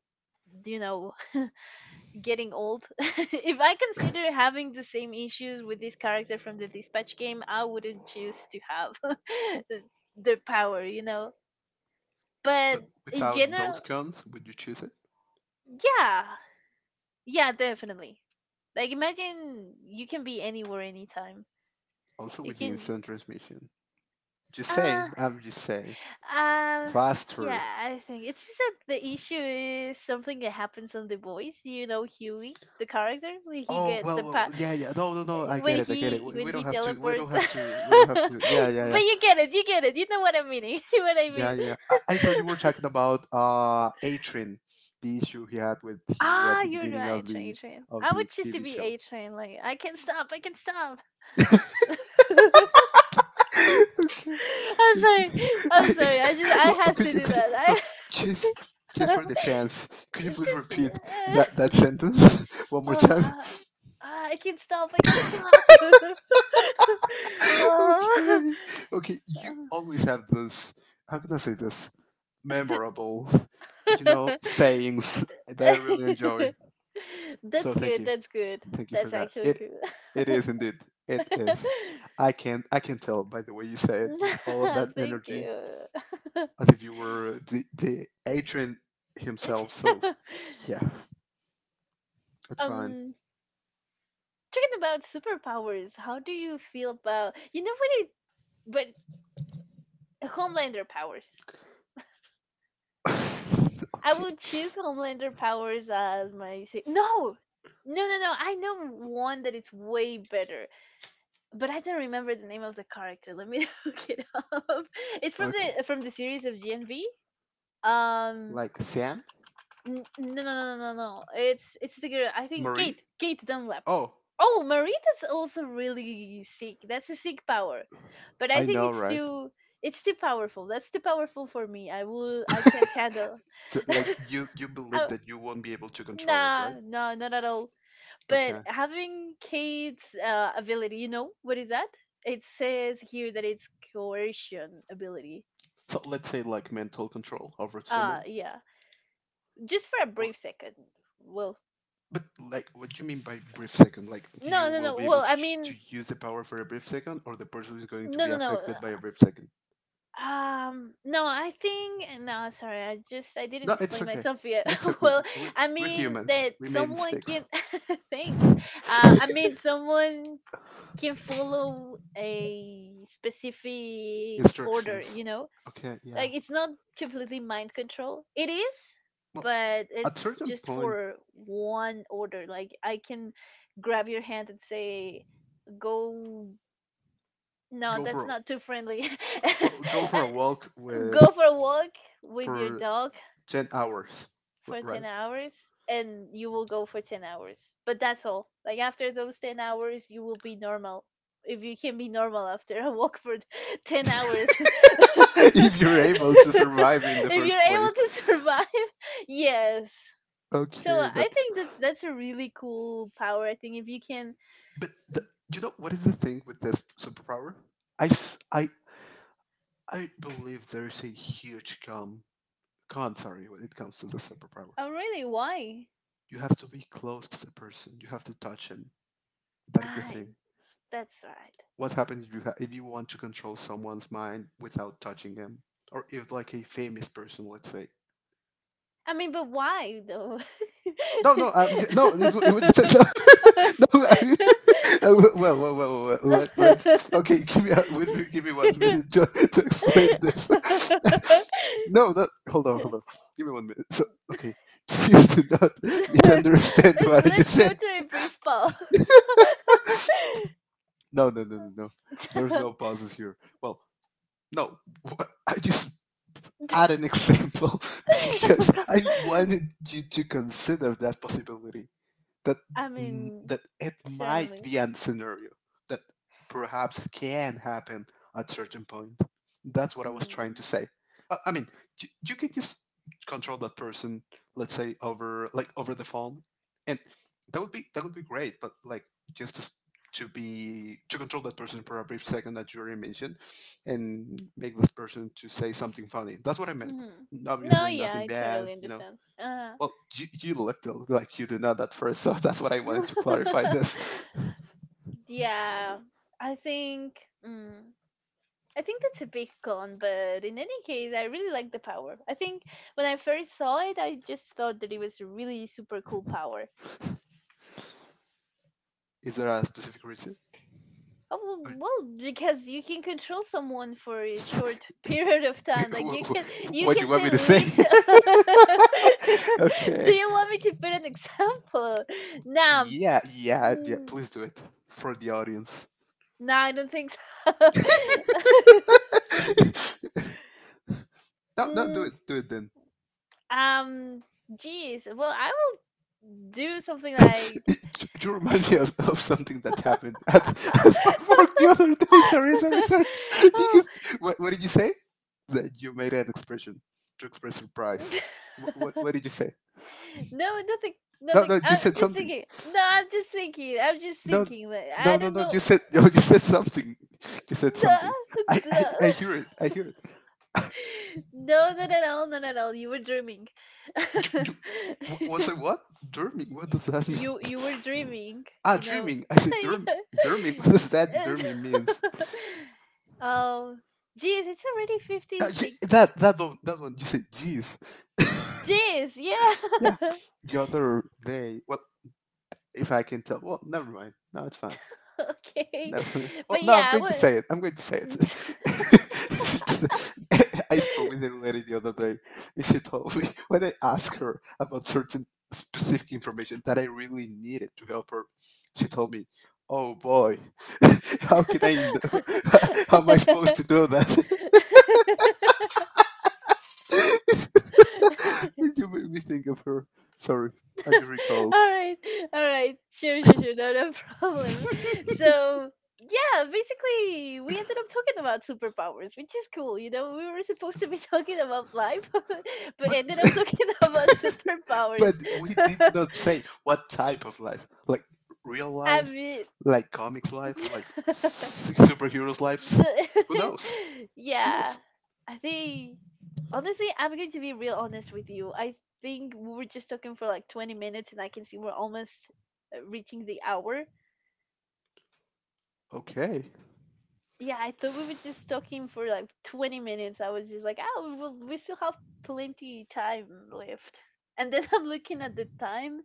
Speaker 1: you know *laughs* getting old. *laughs* If I consider having the same issues with this character from the Dispatch game, I wouldn't choose to have *laughs* the the power, you know?
Speaker 2: But
Speaker 1: But in
Speaker 2: without those
Speaker 1: general,
Speaker 2: cons, would you choose it?
Speaker 1: yeah. Yeah, definitely. Like, imagine you can be anywhere, anytime.
Speaker 2: Also
Speaker 1: You
Speaker 2: with the
Speaker 1: can
Speaker 2: instant
Speaker 1: just.
Speaker 2: transmission. Just say,
Speaker 1: Uh,
Speaker 2: I'm just saying.
Speaker 1: uh,
Speaker 2: Faster.
Speaker 1: yeah, I think it's just that the issue is something that happens on The Voice. You know, Huey, the character, where he
Speaker 2: Oh
Speaker 1: get the
Speaker 2: well, well,
Speaker 1: power.
Speaker 2: yeah, yeah. No, no, no. I
Speaker 1: when
Speaker 2: get it. I get it.
Speaker 1: he
Speaker 2: We,
Speaker 1: when
Speaker 2: we don't
Speaker 1: he
Speaker 2: have to. We
Speaker 1: teleport
Speaker 2: don't
Speaker 1: *laughs*
Speaker 2: have to. We don't have to. Yeah,
Speaker 1: but
Speaker 2: yeah,
Speaker 1: you get it you know what I'm meaning *laughs* what I
Speaker 2: yeah,
Speaker 1: mean
Speaker 2: yeah. I thought you were talking about Atrin, the issue he had with Huey
Speaker 1: ah
Speaker 2: at the
Speaker 1: you're
Speaker 2: beginning
Speaker 1: right train train
Speaker 2: of
Speaker 1: I
Speaker 2: the
Speaker 1: would choose to
Speaker 2: TV
Speaker 1: be
Speaker 2: show.
Speaker 1: a train like I can stop
Speaker 2: *laughs*
Speaker 1: *laughs* i'm
Speaker 2: Okay.
Speaker 1: sorry
Speaker 2: Okay.
Speaker 1: I'm
Speaker 2: I,
Speaker 1: sorry I just
Speaker 2: *laughs*
Speaker 1: I
Speaker 2: well,
Speaker 1: had
Speaker 2: could
Speaker 1: to
Speaker 2: you
Speaker 1: do
Speaker 2: could you
Speaker 1: that
Speaker 2: well,
Speaker 1: I
Speaker 2: just just for the
Speaker 1: *laughs*
Speaker 2: fans, could you
Speaker 1: it's
Speaker 2: please
Speaker 1: just
Speaker 2: repeat that that sentence *laughs* one more
Speaker 1: oh
Speaker 2: time?
Speaker 1: uh, I can stop. I can stop.
Speaker 2: *laughs* Okay. Okay, you always have this, how can I say this? Memorable,
Speaker 1: *laughs*
Speaker 2: you
Speaker 1: oh.
Speaker 2: know, sayings that I really
Speaker 1: *laughs*
Speaker 2: enjoy.
Speaker 1: *laughs* *laughs*
Speaker 2: So
Speaker 1: That's
Speaker 2: thank
Speaker 1: good.
Speaker 2: you.
Speaker 1: That's good.
Speaker 2: Thank you for
Speaker 1: That's
Speaker 2: that.
Speaker 1: actually
Speaker 2: It
Speaker 1: good.
Speaker 2: it
Speaker 1: *laughs*
Speaker 2: is indeed. It is. I can tell by the way you say it with all of
Speaker 1: Nah,
Speaker 2: that
Speaker 1: thank
Speaker 2: energy,
Speaker 1: you. *laughs*
Speaker 2: as if you were the Adrian
Speaker 1: It-
Speaker 2: himself. So
Speaker 1: *laughs*
Speaker 2: yeah, that's fine.
Speaker 1: um, talking about superpowers, how do you feel about you know when it but Homelander powers?
Speaker 2: *laughs*
Speaker 1: I
Speaker 2: Okay,
Speaker 1: would choose Homelander powers as my sa- no, no, no, no. I know one that it's way better. But I don't remember the name of the character. Let me *laughs* look it up. It's from
Speaker 2: okay.
Speaker 1: the series of GNV. Um,
Speaker 2: Like Sam,
Speaker 1: no. It's the girl. I think
Speaker 2: Marie.
Speaker 1: Kate Dunlap.
Speaker 2: Oh,
Speaker 1: Oh, Marita's also really sick. That's a sick power, but I
Speaker 2: I
Speaker 1: think
Speaker 2: know, right?
Speaker 1: it's too powerful. That's too powerful for me. I can't handle.
Speaker 2: Like you
Speaker 1: *laughs*
Speaker 2: believe
Speaker 1: I,
Speaker 2: that you won't be able to control it,
Speaker 1: nah,
Speaker 2: right?
Speaker 1: no, not at all. But
Speaker 2: Okay.
Speaker 1: having Kate's ability, you know, what is that? It says here that it's coercion ability.
Speaker 2: So let's say like mental control over
Speaker 1: Ah,
Speaker 2: someone.
Speaker 1: yeah. Just for a brief second. Well,
Speaker 2: But like, what do you mean by brief second? Like, you will be able to
Speaker 1: I mean,
Speaker 2: to use the power for a brief second, or the person is going to
Speaker 1: no,
Speaker 2: be
Speaker 1: no, no.
Speaker 2: affected by a brief second?
Speaker 1: No, I think no. Sorry, I didn't
Speaker 2: No, it's
Speaker 1: explain
Speaker 2: okay.
Speaker 1: myself yet.
Speaker 2: It's
Speaker 1: *laughs*
Speaker 2: okay.
Speaker 1: well, I
Speaker 2: We're
Speaker 1: mean
Speaker 2: humans.
Speaker 1: that
Speaker 2: We made
Speaker 1: someone
Speaker 2: mistakes.
Speaker 1: can. *laughs* Thanks. I
Speaker 2: *laughs*
Speaker 1: mean someone can follow a specific order.
Speaker 2: Instructions.
Speaker 1: You know
Speaker 2: Okay. Yeah.
Speaker 1: like it's not completely mind control. It is,
Speaker 2: Well,
Speaker 1: but
Speaker 2: at
Speaker 1: it's
Speaker 2: certain
Speaker 1: just
Speaker 2: point,
Speaker 1: for one order. Like I can grab your hand and say, "Go." No,
Speaker 2: go
Speaker 1: that's
Speaker 2: for a,
Speaker 1: not too friendly. *laughs*
Speaker 2: well, go for a walk with,
Speaker 1: Go for a walk with your
Speaker 2: for
Speaker 1: dog
Speaker 2: 10 hours,
Speaker 1: for 10
Speaker 2: right?
Speaker 1: hours and you will go for 10 hours. But that's all. Like after those 10 hours, you will be normal. If you can be normal after a walk for *laughs*
Speaker 2: *laughs*
Speaker 1: 10 hours. *laughs*
Speaker 2: If you're able to
Speaker 1: If you're
Speaker 2: survive in the first place.
Speaker 1: able to survive, *laughs* yes. So
Speaker 2: Okay,
Speaker 1: I
Speaker 2: that's...
Speaker 1: think that's a really cool power. I think if you can
Speaker 2: But the, you know what is the thing with this superpower? I I believe there is a huge con, con, sorry, when it comes to the superpower.
Speaker 1: oh really why?
Speaker 2: You have to be close to the person. You have to touch him. That is the
Speaker 1: I
Speaker 2: thing.
Speaker 1: that's right.
Speaker 2: What happens if you if you want to control someone's mind without touching them, or if like a famous person, let's say.
Speaker 1: I mean but why though?
Speaker 2: No, no, no. It, it was just *laughs* no. I, *laughs* well, well, well, well, well,
Speaker 1: *laughs*
Speaker 2: Let's, okay.
Speaker 1: *laughs*
Speaker 2: Wait, wait, give me 1 minute *laughs* to explain this. *laughs* No, that, hold on, hold on. Give me 1 minute. So, okay, *laughs* please do not *laughs*
Speaker 1: Let's
Speaker 2: misunderstand what I just
Speaker 1: go
Speaker 2: said.
Speaker 1: to a brief pause.
Speaker 2: No, no, no, no, no. There's no
Speaker 1: *laughs*
Speaker 2: pauses here. Well, no, I just add an example *laughs* because I wanted you to consider that possibility. that
Speaker 1: I mean,
Speaker 2: that it might
Speaker 1: certainly.
Speaker 2: be a scenario that perhaps can happen at certain point. That's what I was trying
Speaker 1: Hmm.
Speaker 2: to say. I mean, you can just control that person, let's say over like over the phone, and that would be great. But like just to, to be, to control that person for a brief second that you already mentioned, and make this person to say something funny. That's what I meant.
Speaker 1: Hmm. No,
Speaker 2: Obviously,
Speaker 1: yeah,
Speaker 2: nothing
Speaker 1: I
Speaker 2: bad,
Speaker 1: totally
Speaker 2: you know.
Speaker 1: understand.
Speaker 2: Well, you looked like you do not at first, so *laughs* that's what I wanted to clarify
Speaker 1: *laughs*
Speaker 2: this.
Speaker 1: Yeah, I think. Mm, I think that's a big con, but in any case, I really like the power. I think when I first saw it, I just thought that it was a really super cool power.
Speaker 2: Is there a specific reason?
Speaker 1: Oh,
Speaker 2: Or-
Speaker 1: well, because you can control someone for a short *laughs* period of
Speaker 2: *laughs*
Speaker 1: time. Like you
Speaker 2: what do
Speaker 1: can
Speaker 2: you want
Speaker 1: say
Speaker 2: me to say?
Speaker 1: leech. *laughs* Do
Speaker 2: *laughs* Okay.
Speaker 1: you want me to put an example? Nah,
Speaker 2: Yeah, yeah, yeah.
Speaker 1: mm,
Speaker 2: Please do it for the audience.
Speaker 1: nah, I don't think so. *laughs*
Speaker 2: *laughs* No, no,
Speaker 1: mm,
Speaker 2: do it then.
Speaker 1: um, geez. Well, I will do something
Speaker 2: *laughs* Do
Speaker 1: like
Speaker 2: you remind me of something that happened at, *laughs* at my work the other day? Sorry, sorry,
Speaker 1: *laughs* *laughs*
Speaker 2: sorry. *laughs*
Speaker 1: oh.
Speaker 2: Because, what did you say? That you made an expression to express surprise.
Speaker 1: *laughs*
Speaker 2: What did you say?
Speaker 1: no, nothing,
Speaker 2: No,
Speaker 1: nothing.
Speaker 2: no, you
Speaker 1: I'm
Speaker 2: said
Speaker 1: just
Speaker 2: something.
Speaker 1: thinking. No, I'm just thinking. I'm just
Speaker 2: No,
Speaker 1: thinking. Like, I
Speaker 2: no, no,
Speaker 1: don't
Speaker 2: no.
Speaker 1: know.
Speaker 2: You said *laughs* no, you said something. You said
Speaker 1: No,
Speaker 2: something.
Speaker 1: no,
Speaker 2: I hear it. I hear it.
Speaker 1: *laughs* no, not at all, not at all. You were dreaming.
Speaker 2: Ju- ju-
Speaker 1: *laughs*
Speaker 2: was I what? Derming? What does that mean?
Speaker 1: You
Speaker 2: *laughs*
Speaker 1: were dreaming.
Speaker 2: Ah,
Speaker 1: You know.
Speaker 2: dreaming. I
Speaker 1: *laughs*
Speaker 2: said derm. Derming. *laughs* What does that
Speaker 1: Yeah.
Speaker 2: derming mean?
Speaker 1: *laughs* Oh, geez, it's already fifty six.
Speaker 2: That that one, that one. You said jeez. *laughs*
Speaker 1: Jeez,
Speaker 2: Yeah.
Speaker 1: yeah.
Speaker 2: The other day, well, if I can tell, well, never mind. No, it's fine.
Speaker 1: *laughs* okay.
Speaker 2: Never mind. Well,
Speaker 1: But
Speaker 2: no, I'm
Speaker 1: yeah, I
Speaker 2: going to say it.
Speaker 1: would.
Speaker 2: I'm going to say it.
Speaker 1: *laughs* all
Speaker 2: *laughs* I spoke with a lady the other day, and she told me *laughs* when I asked her about certain specific information that I really needed to help her, she told me, "Oh boy, *laughs* how can I? Know? *laughs* How am I supposed to do that?" *laughs* *laughs* You made me think of her. Sorry, I just recalled.
Speaker 1: right all right sure no *laughs* problem
Speaker 2: *laughs*
Speaker 1: so yeah basically we ended up talking about superpowers which is cool you know we were supposed to be *laughs* talking about life *laughs* but
Speaker 2: But
Speaker 1: ended up talking *laughs* about superpowers
Speaker 2: we did not say what type of life, like real
Speaker 1: *laughs* I
Speaker 2: life,
Speaker 1: mean
Speaker 2: like comics life, like
Speaker 1: *laughs*
Speaker 2: superheroes lives. Who
Speaker 1: The-
Speaker 2: knows?
Speaker 1: *laughs*
Speaker 2: Who
Speaker 1: yeah,
Speaker 2: knows?
Speaker 1: I think honestly, I'm going to be real honest with you. I think we were just talking for like 20 minutes, and I can see we're almost reaching the hour.
Speaker 2: Okay.
Speaker 1: Yeah, I thought we were just talking for like 20 minutes. I was just like, oh, we still have plenty time left. And then *laughs* I'm looking at the time,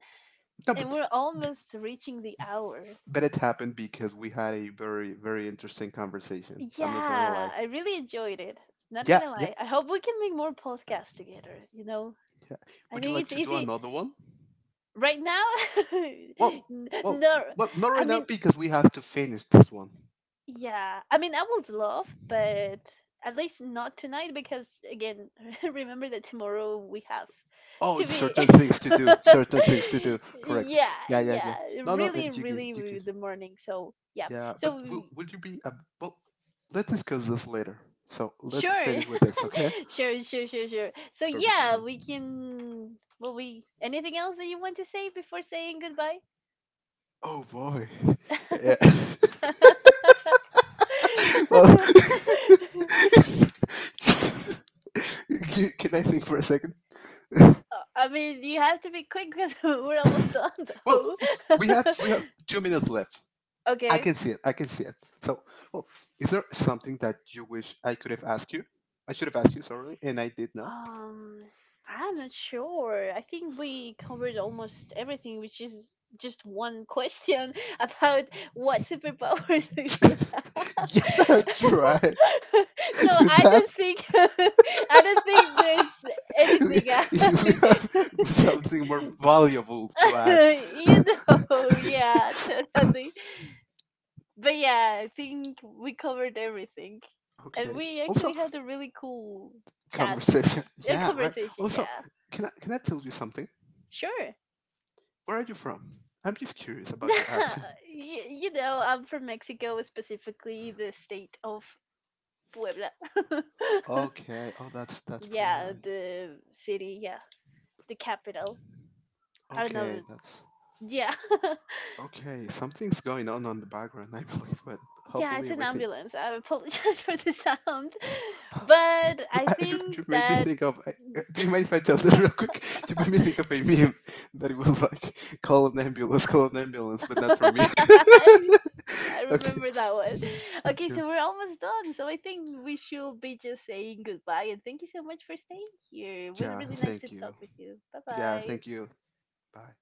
Speaker 2: No,
Speaker 1: and
Speaker 2: but
Speaker 1: we're almost reaching the hour.
Speaker 2: it happened because we had a very interesting conversation. I'm not gonna
Speaker 1: Yeah,
Speaker 2: lie.
Speaker 1: I really enjoyed it. Not
Speaker 2: Yeah,
Speaker 1: gonna
Speaker 2: yeah,
Speaker 1: lie. I hope we can make more podcasts together, you know?
Speaker 2: yeah.
Speaker 1: I
Speaker 2: Would you
Speaker 1: think
Speaker 2: like
Speaker 1: it's
Speaker 2: to do
Speaker 1: easy
Speaker 2: another one?
Speaker 1: right now. *laughs*
Speaker 2: Well, well,
Speaker 1: No,
Speaker 2: well, not
Speaker 1: I
Speaker 2: right now
Speaker 1: mean,
Speaker 2: because we have to finish this one.
Speaker 1: yeah. I mean, I would love, but at least not tonight because again, *laughs* remember that tomorrow we have
Speaker 2: Oh,
Speaker 1: to
Speaker 2: it's
Speaker 1: be
Speaker 2: certain things to do. Certain things to do.
Speaker 1: *laughs*
Speaker 2: Correct.
Speaker 1: yeah,
Speaker 2: Yeah, yeah,
Speaker 1: yeah,
Speaker 2: yeah. No, no,
Speaker 1: really
Speaker 2: you good.
Speaker 1: really
Speaker 2: You good.
Speaker 1: the morning. So, yeah.
Speaker 2: Yeah, but
Speaker 1: So
Speaker 2: will, would you be? Well, let's discuss this later. So let's
Speaker 1: sure.
Speaker 2: finish with
Speaker 1: *laughs*
Speaker 2: this, okay?
Speaker 1: Sure. So
Speaker 2: Perfect.
Speaker 1: yeah,
Speaker 2: So,
Speaker 1: we can well we anything else that you want to say before saying goodbye?
Speaker 2: oh boy. *laughs* Yeah.
Speaker 1: *laughs*
Speaker 2: *laughs* Well, *laughs* can I think for a second?
Speaker 1: I mean, you have to be quick because *laughs* we're almost done
Speaker 2: Well,
Speaker 1: though. *laughs*
Speaker 2: we have 2 minutes left. I
Speaker 1: Okay.
Speaker 2: can see it. I can see it. So, well, is there something that you wish I could have asked you? I should have asked you, sorry, and I did not.
Speaker 1: Um, I'm not sure. I think we covered almost everything, which is just one question *laughs* about what superpowers *laughs* we would have.
Speaker 2: *laughs* Yeah, that's right.
Speaker 1: *laughs* So
Speaker 2: *laughs* Dude,
Speaker 1: I don't
Speaker 2: that's
Speaker 1: think *laughs* I don't think there's
Speaker 2: *laughs* we,
Speaker 1: anything
Speaker 2: we have
Speaker 1: else.
Speaker 2: something more valuable to
Speaker 1: *laughs*
Speaker 2: add.
Speaker 1: You
Speaker 2: *laughs*
Speaker 1: know, yeah, totally. But yeah, I think we covered everything, and
Speaker 2: Okay.
Speaker 1: we
Speaker 2: Also,
Speaker 1: actually had a really cool chat
Speaker 2: conversation.
Speaker 1: today, a
Speaker 2: Yeah, right.
Speaker 1: conversation.
Speaker 2: Also,
Speaker 1: Yeah,
Speaker 2: can I tell you something?
Speaker 1: sure.
Speaker 2: Where are you from? I'm just curious about your accent.
Speaker 1: *laughs* You know, I'm from Mexico, specifically the state of Puebla. *laughs*
Speaker 2: Okay. Oh, that's pretty
Speaker 1: Yeah,
Speaker 2: nice.
Speaker 1: the city, yeah, the capital. I don't
Speaker 2: Okay,
Speaker 1: know.
Speaker 2: that's
Speaker 1: Yeah. *laughs*
Speaker 2: okay. Something's going on the background, *laughs* I believe, but
Speaker 1: Yeah, it's
Speaker 2: hopefully
Speaker 1: an
Speaker 2: everything...
Speaker 1: ambulance. I apologize *laughs* for the sound. But
Speaker 2: *laughs*
Speaker 1: I
Speaker 2: I- You
Speaker 1: think
Speaker 2: you made me
Speaker 1: that
Speaker 2: think of. Do you mind if I tell this real quick? *laughs* You made me think of a meme that it was like, call an ambulance, but not for me.
Speaker 1: *laughs* I I
Speaker 2: *laughs* Okay.
Speaker 1: remember that one. Okay,
Speaker 2: Okay.
Speaker 1: so we're almost done. So I think we should be just saying goodbye. And thank you so much for staying here. It was
Speaker 2: Yeah,
Speaker 1: really nice to
Speaker 2: thank
Speaker 1: talk
Speaker 2: you.
Speaker 1: with you. Bye
Speaker 2: Yeah,
Speaker 1: bye.
Speaker 2: thank you. Bye.